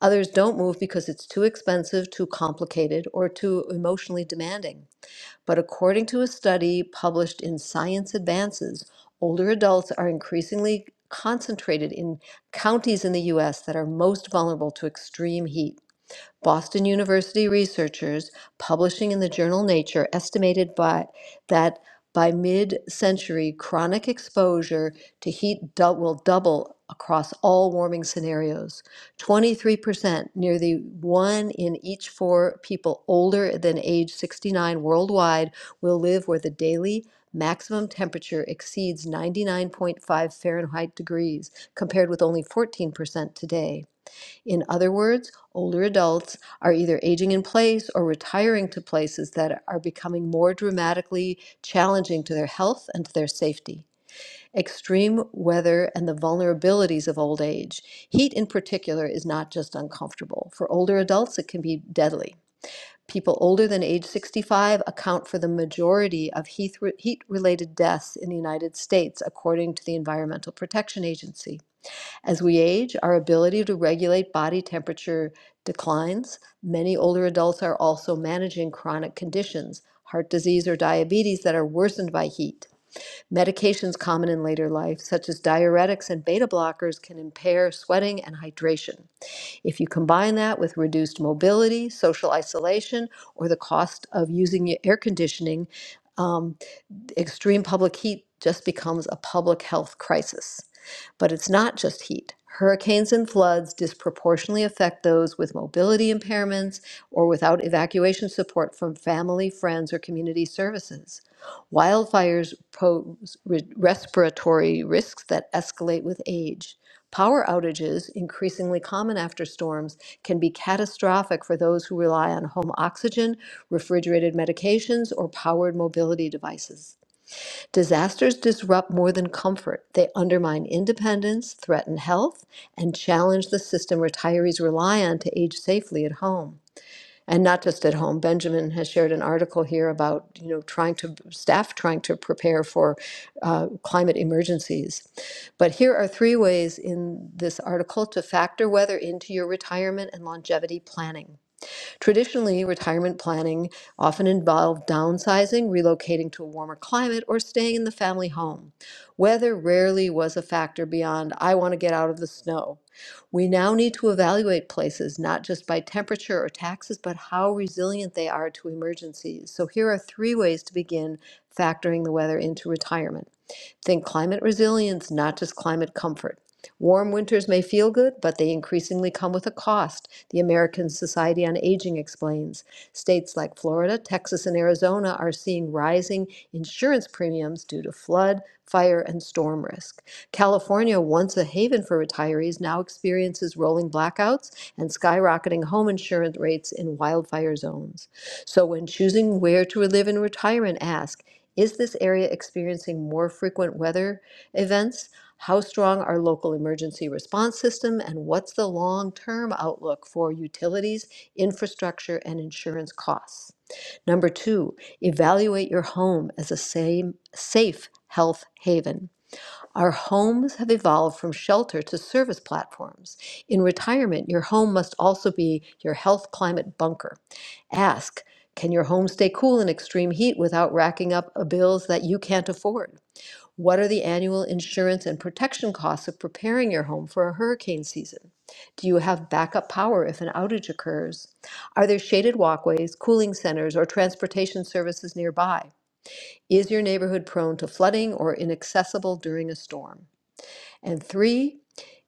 Others don't move because it's too expensive, too complicated, or too emotionally demanding. But according to a study published in Science Advances, older adults are increasingly concentrated in counties in the US that are most vulnerable to extreme heat. Boston University researchers publishing in the journal Nature estimated by that by mid-century, chronic exposure to heat dou- will double across all warming scenarios. 23%, nearly one in each four people older than age 69 worldwide will live where the daily maximum temperature exceeds 99.5 Fahrenheit degrees, compared with only 14% today. In other words, older adults are either aging in place or retiring to places that are becoming more dramatically challenging to their health and to their safety. Extreme weather and the vulnerabilities of old age. Heat, in particular, is not just uncomfortable. For older adults, it can be deadly. People older than age 65 account for the majority of heat related deaths in the United States, according to the Environmental Protection Agency. As we age, our ability to regulate body temperature declines. Many older adults are also managing chronic conditions, heart disease or diabetes, that are worsened by heat. Medications common in later life, such as diuretics and beta blockers, can impair sweating and hydration. If you combine that with reduced mobility, social isolation, or the cost of using air conditioning, um, extreme public heat just becomes a public health crisis. But it's not just heat. Hurricanes and floods disproportionately affect those with mobility impairments or without evacuation support from family, friends, or community services. Wildfires pose re- respiratory risks that escalate with age. Power outages, increasingly common after storms, can be catastrophic for those who rely on home oxygen, refrigerated medications, or powered mobility devices. Disasters disrupt more than comfort. They undermine independence, threaten health, and challenge the system retirees rely on to age safely at home. And not just at home. Benjamin has shared an article here about you know trying to staff trying to prepare for uh, climate emergencies. But here are three ways in this article to factor weather into your retirement and longevity planning. Traditionally, retirement planning often involved downsizing, relocating to a warmer climate, or staying in the family home. Weather rarely was a factor beyond, I want to get out of the snow. We now need to evaluate places not just by temperature or taxes, but how resilient they are to emergencies. So here are three ways to begin factoring the weather into retirement. Think climate resilience, not just climate comfort. Warm winters may feel good, but they increasingly come with a cost, the American Society on Aging explains. States like Florida, Texas, and Arizona are seeing rising insurance premiums due to flood, fire, and storm risk. California, once a haven for retirees, now experiences rolling blackouts and skyrocketing home insurance rates in wildfire zones. So, when choosing where to live in retirement, ask is this area experiencing more frequent weather events? How strong are local emergency response system and what's the long-term outlook for utilities, infrastructure and insurance costs? Number 2, evaluate your home as a same, safe health haven. Our homes have evolved from shelter to service platforms. In retirement, your home must also be your health climate bunker. Ask, can your home stay cool in extreme heat without racking up uh, bills that you can't afford? What are the annual insurance and protection costs of preparing your home for a hurricane season? Do you have backup power if an outage occurs? Are there shaded walkways, cooling centers, or transportation services nearby? Is your neighborhood prone to flooding or inaccessible during a storm? And three,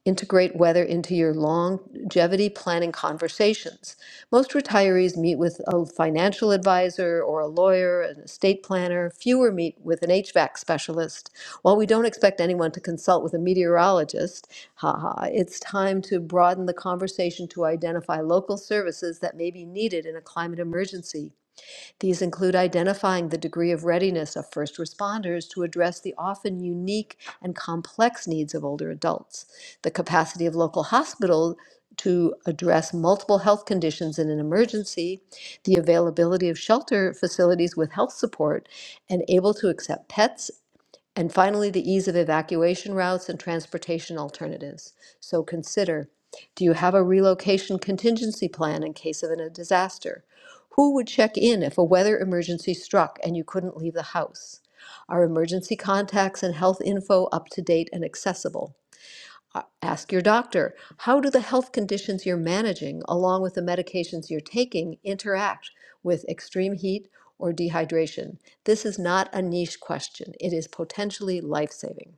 integrate weather into your longevity planning conversations. Most retirees meet with a financial advisor or a lawyer, an estate planner. Fewer meet with an HVAC specialist. While we don't expect anyone to consult with a meteorologist, haha, it's time to broaden the conversation to identify local services that may be needed in a climate emergency. These include identifying the degree of readiness of first responders to address the often unique and complex needs of older adults, the capacity of local hospitals to address multiple health conditions in an emergency, the availability of shelter facilities with health support, and able to accept pets and finally, the ease of evacuation routes and transportation alternatives. So consider, do you have a relocation contingency plan in case of a disaster? Who would check in if a weather emergency struck and you couldn't leave the house? Are emergency contacts and health info up to date and accessible? Ask your doctor, how do the health conditions you're managing, along with the medications you're taking, interact with extreme heat or dehydration? This is not a niche question, it is potentially life saving.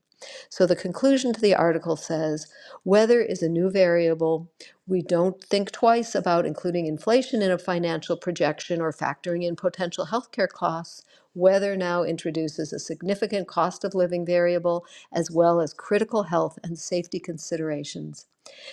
So the conclusion to the article says weather is a new variable. We don't think twice about including inflation in a financial projection or factoring in potential healthcare costs. Weather now introduces a significant cost of living variable as well as critical health and safety considerations.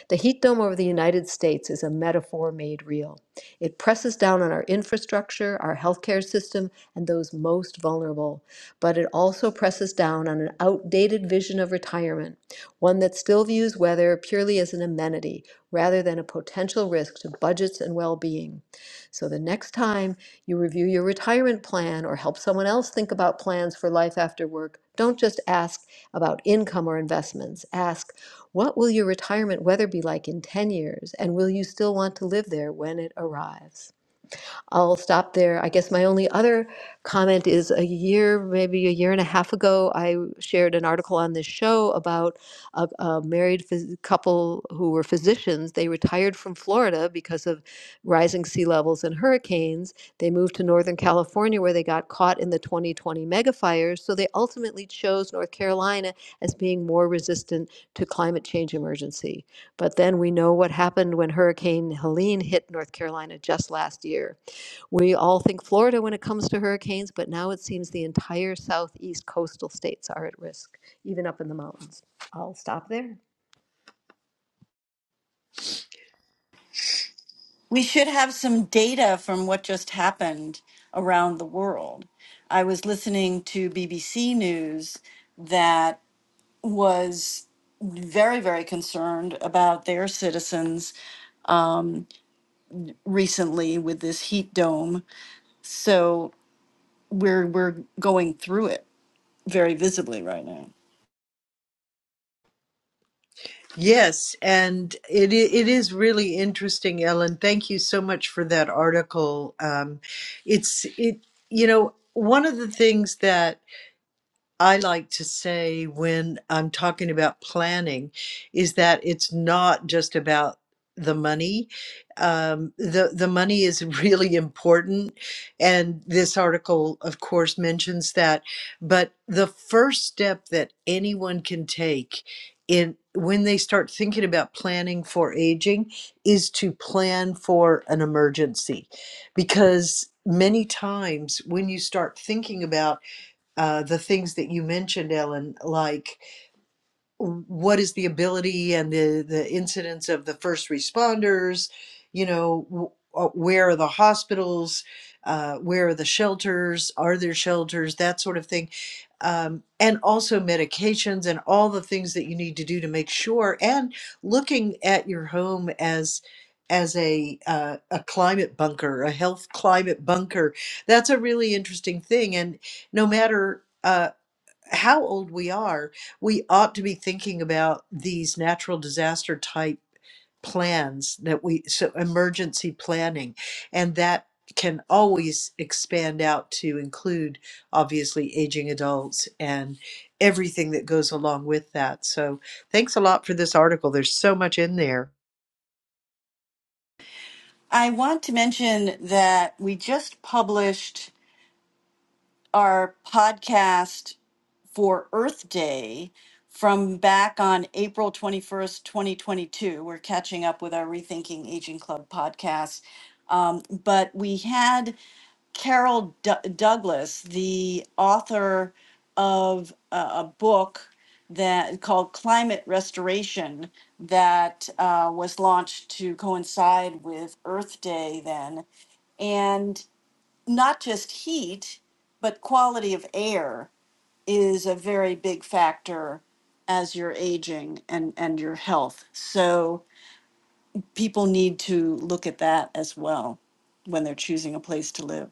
The heat dome over the United States is a metaphor made real. It presses down on our infrastructure, our healthcare system, and those most vulnerable. But it also presses down on an outdated vision of retirement, one that still views weather purely as an amenity rather than a potential risk to budgets and well being. So the next time you review your retirement plan or help someone else think about plans for life after work, don't just ask about income or investments. Ask, what will your retirement weather be like in 10 years, and will you still want to live there when it arrives? I'll stop there. I guess my only other comment is a year, maybe a year and a half ago, I shared an article on this show about a, a married phys- couple who were physicians. They retired from Florida because of rising sea levels and hurricanes. They moved to Northern California where they got caught in the 2020 mega fires. So they ultimately chose North Carolina as being more resistant to climate change emergency. But then we know what happened when Hurricane Helene hit North Carolina just last year we all think Florida when it comes to hurricanes, but now it seems the entire southeast coastal states are at risk, even up in the mountains. I'll stop there.
We should have some data from what just happened around the world. I was listening to BBC News that was very, very concerned about their citizens recently with this heat dome. So we're we're going through it. very visibly right now.
yes and it i- it is really interesting ellen thank you so much for that article um, it's it you know one of the things that I like to say when I'm talking about planning is that it's not just about the money. Um, the the money is *laughs* really important, and this article, of course, mentions that. But the first step that anyone can take in when they start thinking about planning for aging is to plan for an emergency, because many times when you start thinking about uh, the things that you mentioned, Ellen, like what is the ability and the, the incidence of the first responders? You know, w- uh, where are the hospitals? Uh, where are the shelters? Are there shelters? That sort of thing. Um, and also medications and all the things that you need to do to make sure. And looking at your home as as a uh, a climate bunker, a health climate bunker. That's a really interesting thing. And no matter. uh, how old we are, we ought to be thinking about these natural disaster type plans that we so emergency planning and that can always expand out to include obviously aging adults and everything that goes along with that. So thanks a lot for this article. There's so much in there.
I want to mention that we just published our podcast for Earth Day from back on April 21st, 2022. We're catching up with our Rethinking Aging Club podcast. Um, but we had Carol D- Douglas, the author of a, a book that called Climate Restoration that uh, was launched to coincide with Earth Day then, and not just heat, but quality of air is a very big factor as you're aging and and your health. So people need to look at that as well when they're choosing a place to live.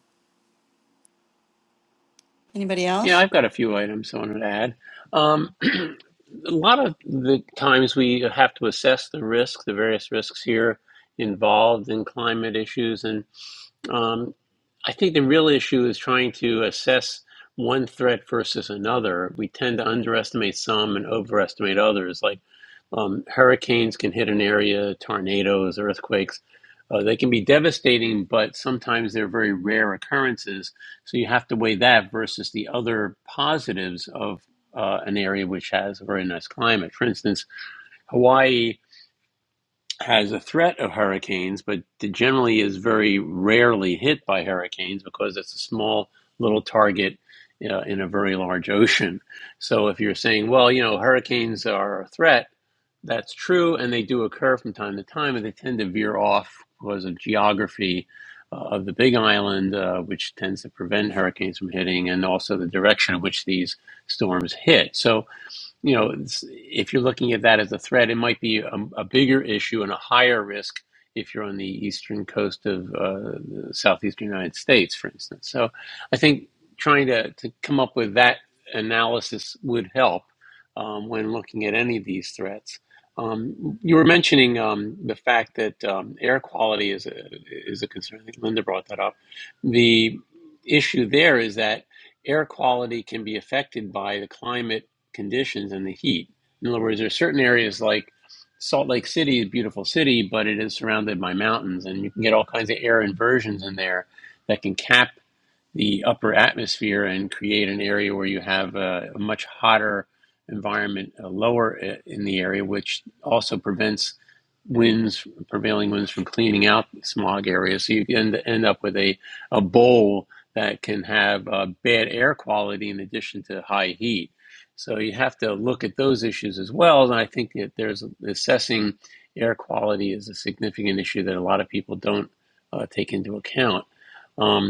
Anybody else?
Yeah, I've got a few items I wanted to add. Um, *clears throat* a lot of the times we have to assess the risks, the various risks here involved in climate issues. And um, I think the real issue is trying to assess one threat versus another. We tend to underestimate some and overestimate others. Like um, hurricanes can hit an area, tornadoes, earthquakes. Uh, they can be devastating, but sometimes they're very rare occurrences. So you have to weigh that versus the other positives of uh, an area which has a very nice climate. For instance, Hawaii has a threat of hurricanes, but generally is very rarely hit by hurricanes because it's a small little target uh, in a very large ocean. So if you're saying, well, you know, hurricanes are a threat, that's true, and they do occur from time to time, and they tend to veer off because of geography uh, of the Big Island, uh, which tends to prevent hurricanes from hitting, and also the direction in which these storms hit. So you know, if you're looking at that as a threat, it might be a, a bigger issue and a higher risk if you're on the eastern coast of uh, the southeastern United States, for instance. So I think trying to, to come up with that analysis would help um, when looking at any of these threats. Um, you were mentioning um, the fact that um, air quality is a, is a concern. I think Linda brought that up. The issue there is that air quality can be affected by the climate conditions and the heat. In other words, there are certain areas like Salt Lake City is a beautiful city, but it is surrounded by mountains, and you can get all kinds of air inversions in there that can cap the upper atmosphere and create an area where you have a, a much hotter environment uh, lower i- in the area, which also prevents winds, prevailing winds, from cleaning out the smog areas. So you end, end up with a, a bowl that can have uh, bad air quality in addition to high heat. So you have to look at those issues as well. And I think that there's assessing air quality is a significant issue that a lot of people don't uh, take into account. Um,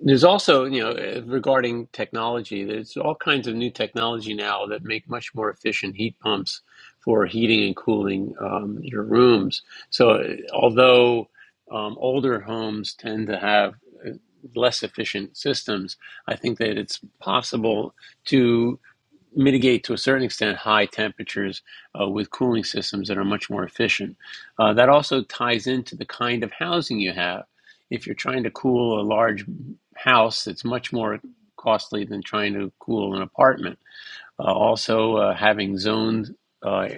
there's also, you know, eh, regarding technology, there's all kinds of new technology now that make much more efficient heat pumps for heating and cooling um, your rooms. So, eh, although um, older homes tend to have eh, less efficient systems, I think that it's possible to mitigate to a certain extent high temperatures uh, with cooling systems that are much more efficient. Uh, that also ties into the kind of housing you have. If you're trying to cool a large house, it's much more costly than trying to cool an apartment. Uh, also, uh, having zoned uh,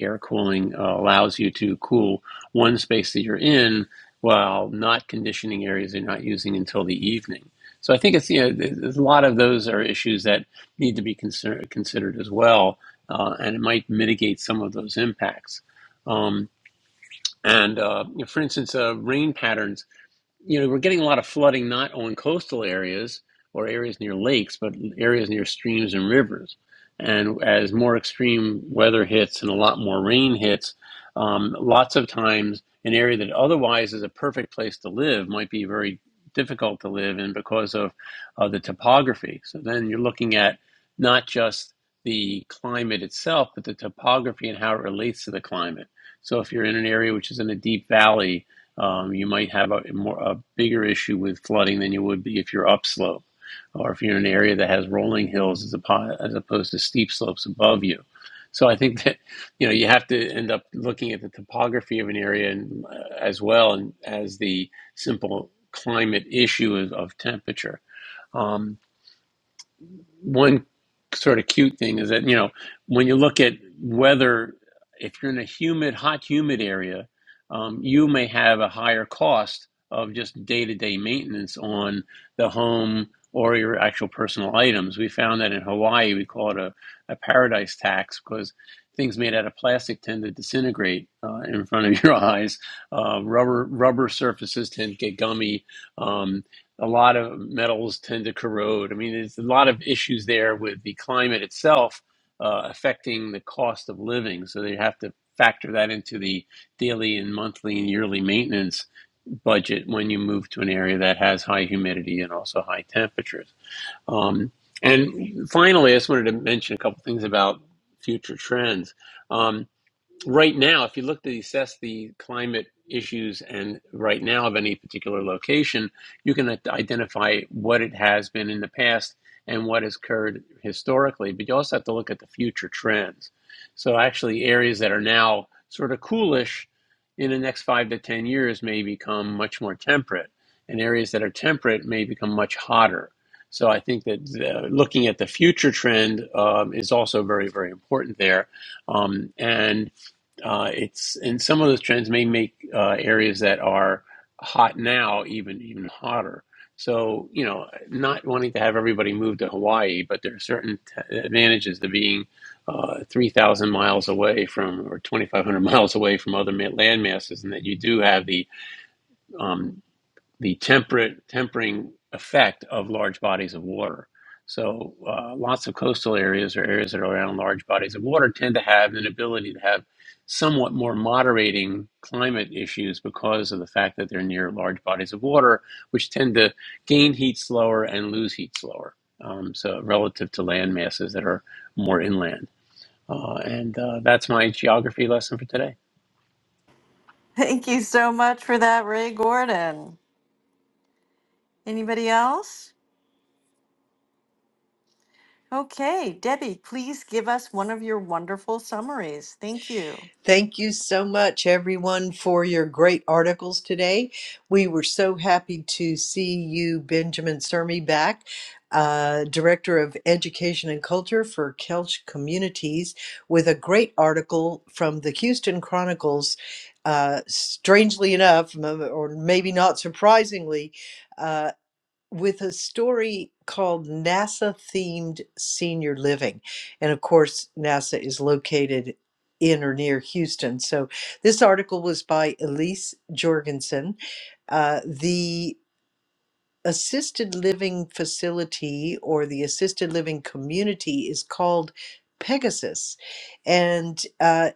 air cooling uh, allows you to cool one space that you're in while not conditioning areas you're not using until the evening. So I think it's you know there's a lot of those are issues that need to be consider- considered as well, uh, and it might mitigate some of those impacts. Um, and uh, you know, for instance, uh, rain patterns you know, we're getting a lot of flooding not on coastal areas or areas near lakes, but areas near streams and rivers. And as more extreme weather hits and a lot more rain hits, um, lots of times an area that otherwise is a perfect place to live might be very difficult to live in because of uh, the topography. So then you're looking at not just the climate itself, but the topography and how it relates to the climate. So if you're in an area which is in a deep valley, um, you might have a more a bigger issue with flooding than you would be if you're upslope, or if you're in an area that has rolling hills as opposed, as opposed to steep slopes above you. So I think *laughs* that you know you have to end up looking at the topography of an area and, uh, as well and as the simple climate issue of, of temperature. Um, one sort of cute thing is that you know when you look at weather if you're in a humid hot humid area um, you may have a higher cost of just day-to-day maintenance on the home or your actual personal items we found that in hawaii we call it a, a paradise tax because things made out of plastic tend to disintegrate uh, in front of *laughs* your eyes uh, rubber rubber surfaces tend to get gummy Um, a lot of metals tend to corrode. I mean, there's a lot of issues there with the climate itself uh, affecting the cost of living. So they have to factor that into the daily and monthly and yearly maintenance budget when you move to an area that has high humidity and also high temperatures. Um, and finally, I just wanted to mention a couple things about future trends. Um, right now, if you look to assess the climate issues and right now of any particular location, you can identify what it has been in the past and what has occurred historically, but you also have to look at the future trends. So, actually, areas that are now sort of coolish in the next five to 10 years may become much more temperate, and areas that are temperate may become much hotter. So, I think that uh, looking at the future trend um, is also very, very important there. Um, and uh, it's and some of those trends may make uh, areas that are hot now even even hotter. So you know, not wanting to have everybody move to Hawaii, but there are certain t- advantages to being uh, three thousand miles away from or twenty five hundred *laughs* miles away from other ma- land masses, and that you do have the um, the temperate tempering effect of large bodies of water. So uh, lots of coastal areas or areas that are around large bodies of water tend to have an ability to have somewhat more moderating climate issues because of the fact that they're near large bodies of water, which tend to gain heat slower and lose heat slower. Um, so relative to land masses that are more inland. Uh, and uh, that's my geography lesson for today.
Thank you so much for that, Ray Gordon. Anybody else? Okay, Debbie, please give us one of your wonderful summaries. Thank you.
Thank you so much, everyone, for your great articles today. We were so happy to see you, Benjamin Sermi, back, uh, Director of Education and Culture for Kelch Communities, with a great article from the Houston Chronicles. Uh, strangely enough, m- or maybe not surprisingly, uh, with a story called NASA Themed Senior Living. And of course, NASA is located in or near Houston. So this article was by Elise Jorgensen. Uh, the assisted living facility or the assisted living community is called Pegasus. And uh,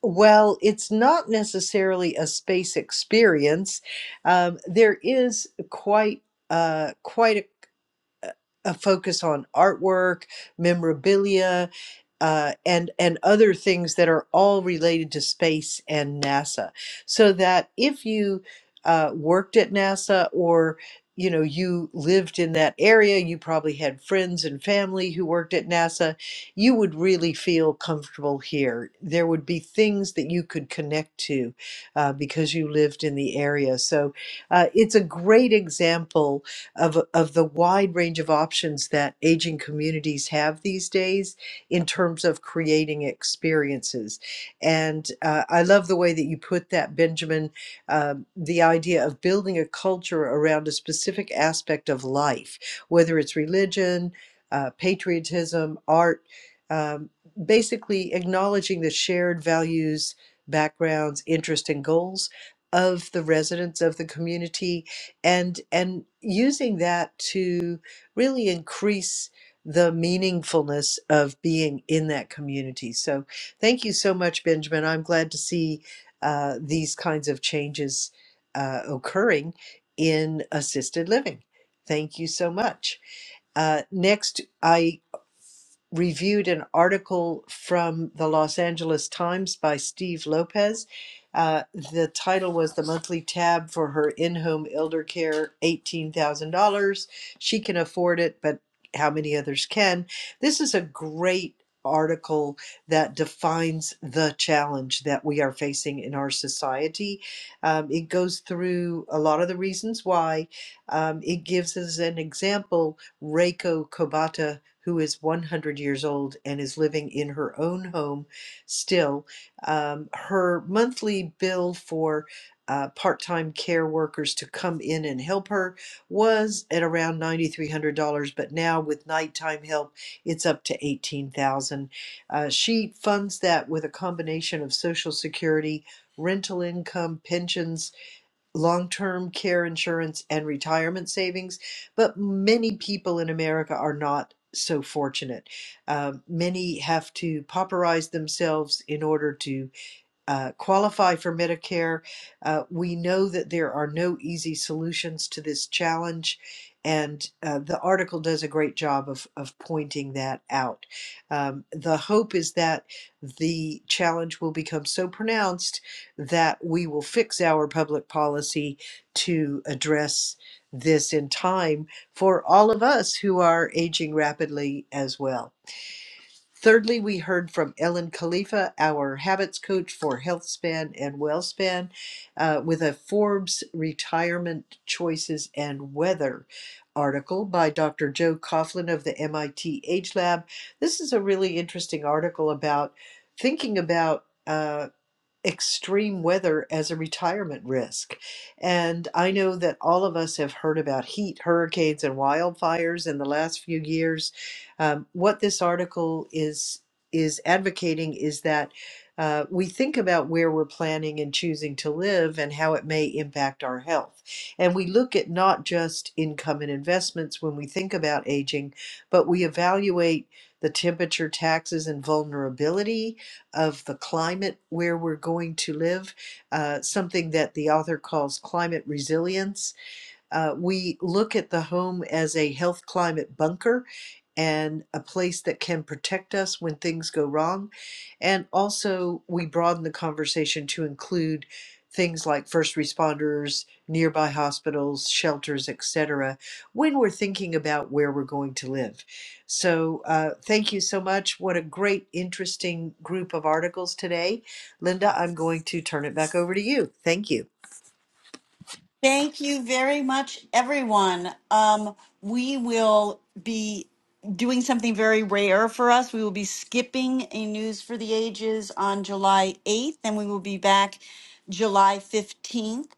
while it's not necessarily a space experience, um, there is quite uh, quite a a focus on artwork, memorabilia, uh, and and other things that are all related to space and NASA, so that if you uh, worked at NASA or you know you lived in that area, you probably had friends and family who worked at NASA, you would really feel comfortable here. There would be things that you could connect to uh, because you lived in the area. So uh, it's a great example of, of the wide range of options that aging communities have these days in terms of creating experiences. And uh, I love the way that you put that, Benjamin, um, the idea of building a culture around a specific aspect of life, whether it's religion, uh, patriotism, art, um, basically acknowledging the shared values, backgrounds, interests, and goals of the residents of the community and and using that to really increase the meaningfulness of being in that community so thank you so much benjamin i'm glad to see uh, these kinds of changes uh, occurring in assisted living thank you so much uh, next I reviewed an article from the Los Angeles Times by Steve Lopez. Uh, the title was The Monthly Tab for Her In Home Elder Care $18,000. She can afford it, but how many others can? This is a great article that defines the challenge that we are facing in our society. Um, it goes through a lot of the reasons why. Um, it gives us an example, Reiko Kobata who is 100 years old and is living in her own home still. Um, her monthly bill for uh, part time care workers to come in and help her was at around $9,300, but now with nighttime help, it's up to 18000 uh, She funds that with a combination of Social Security, rental income, pensions long term care insurance and retirement savings, but many people in America are not so fortunate. Um, many have to pauperize themselves in order to uh, qualify for Medicare. Uh, we know that there are no easy solutions to this challenge, and uh, the article does a great job of, of pointing that out. Um, the hope is that the challenge will become so pronounced that we will fix our public policy to address this in time for all of us who are aging rapidly as well. Thirdly, we heard from Ellen Khalifa, our habits coach for HealthSpan and WellSpan, uh, with a Forbes retirement choices and weather article by Dr. Joe Coughlin of the MIT Age Lab. This is a really interesting article about thinking about. uh, extreme weather as a retirement risk. And I know that all of us have heard about heat, hurricanes, and wildfires in the last few years. Um, what this article is is advocating is that uh, we think about where we're planning and choosing to live and how it may impact our health. And we look at not just income and investments when we think about aging, but we evaluate the temperature, taxes, and vulnerability of the climate where we're going to live, uh, something that the author calls climate resilience uh, we look at the home as a health climate bunker and a place that can protect us when things go wrong. And also, we broaden the conversation to include things like first responders, nearby hospitals, shelters, etc., when we're thinking about where we're going to live. So, uh, thank you so much. What a great, interesting group of articles today. Linda, I'm going to turn it back over to you. Thank you.
Thank you very much, everyone. Um, we will be doing something very rare for us. We will be skipping a News for the Ages on July 8th, and we will be back July 15th.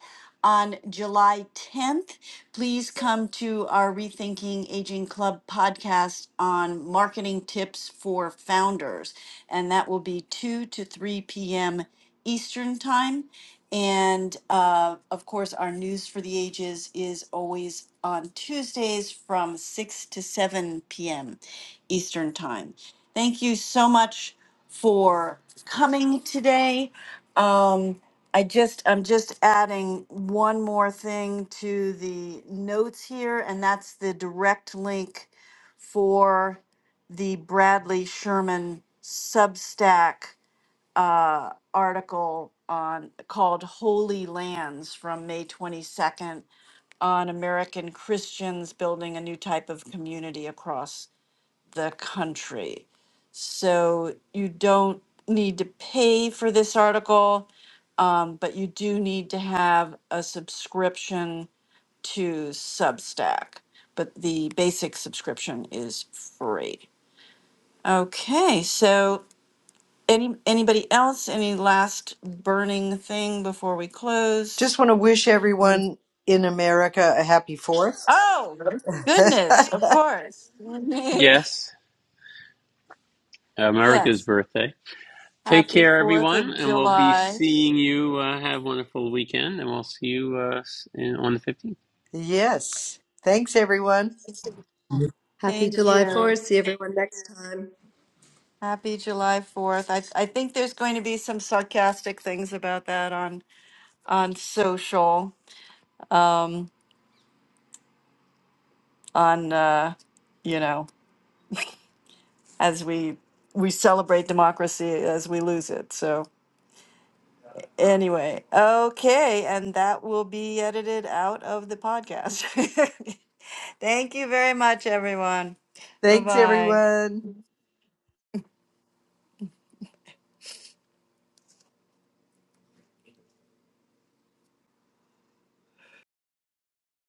On July 10th, please come to our Rethinking Aging Club podcast on marketing tips for founders, and that will be 2 to 3 p.m. Eastern Time. And uh, of course, our News for the Ages is always on Tuesdays from 6 to 7 p.m. Eastern Time. Thank you so much for coming today. Um, I just I'm just adding one more thing to the notes here, and that's the direct link for the Bradley Sherman Substack uh, article on called Holy Lands from May 22nd on American Christians building a new type of community across the country. So you don't need to pay for this article, um, but you do need to have a subscription to Substack. But the basic subscription is free. Okay, so any anybody else? Any last burning thing before we
Just
close?
want to wish
Um,
everyone in America a happy fourth.
Oh goodness, of
*laughs*
course. *laughs*
Yes, America's
yes.
birthday. Take
Happy
care,
Fourth
everyone,
of
and we'll be
July.
seeing you. Uh, have a wonderful weekend, and we'll see you uh, in, on the 15th.
yes. Thanks, everyone.
Happy
Thank
July
you.
4th. See everyone next time.
Happy July Fourth. I I think there's going to be some sarcastic things about that on on social. Um on uh you know, as we we celebrate democracy as we lose it. So Anyway, okay, and that will be edited out of the podcast. *laughs* Thank you very much, everyone. Bye
Thanks,
bye.
everyone.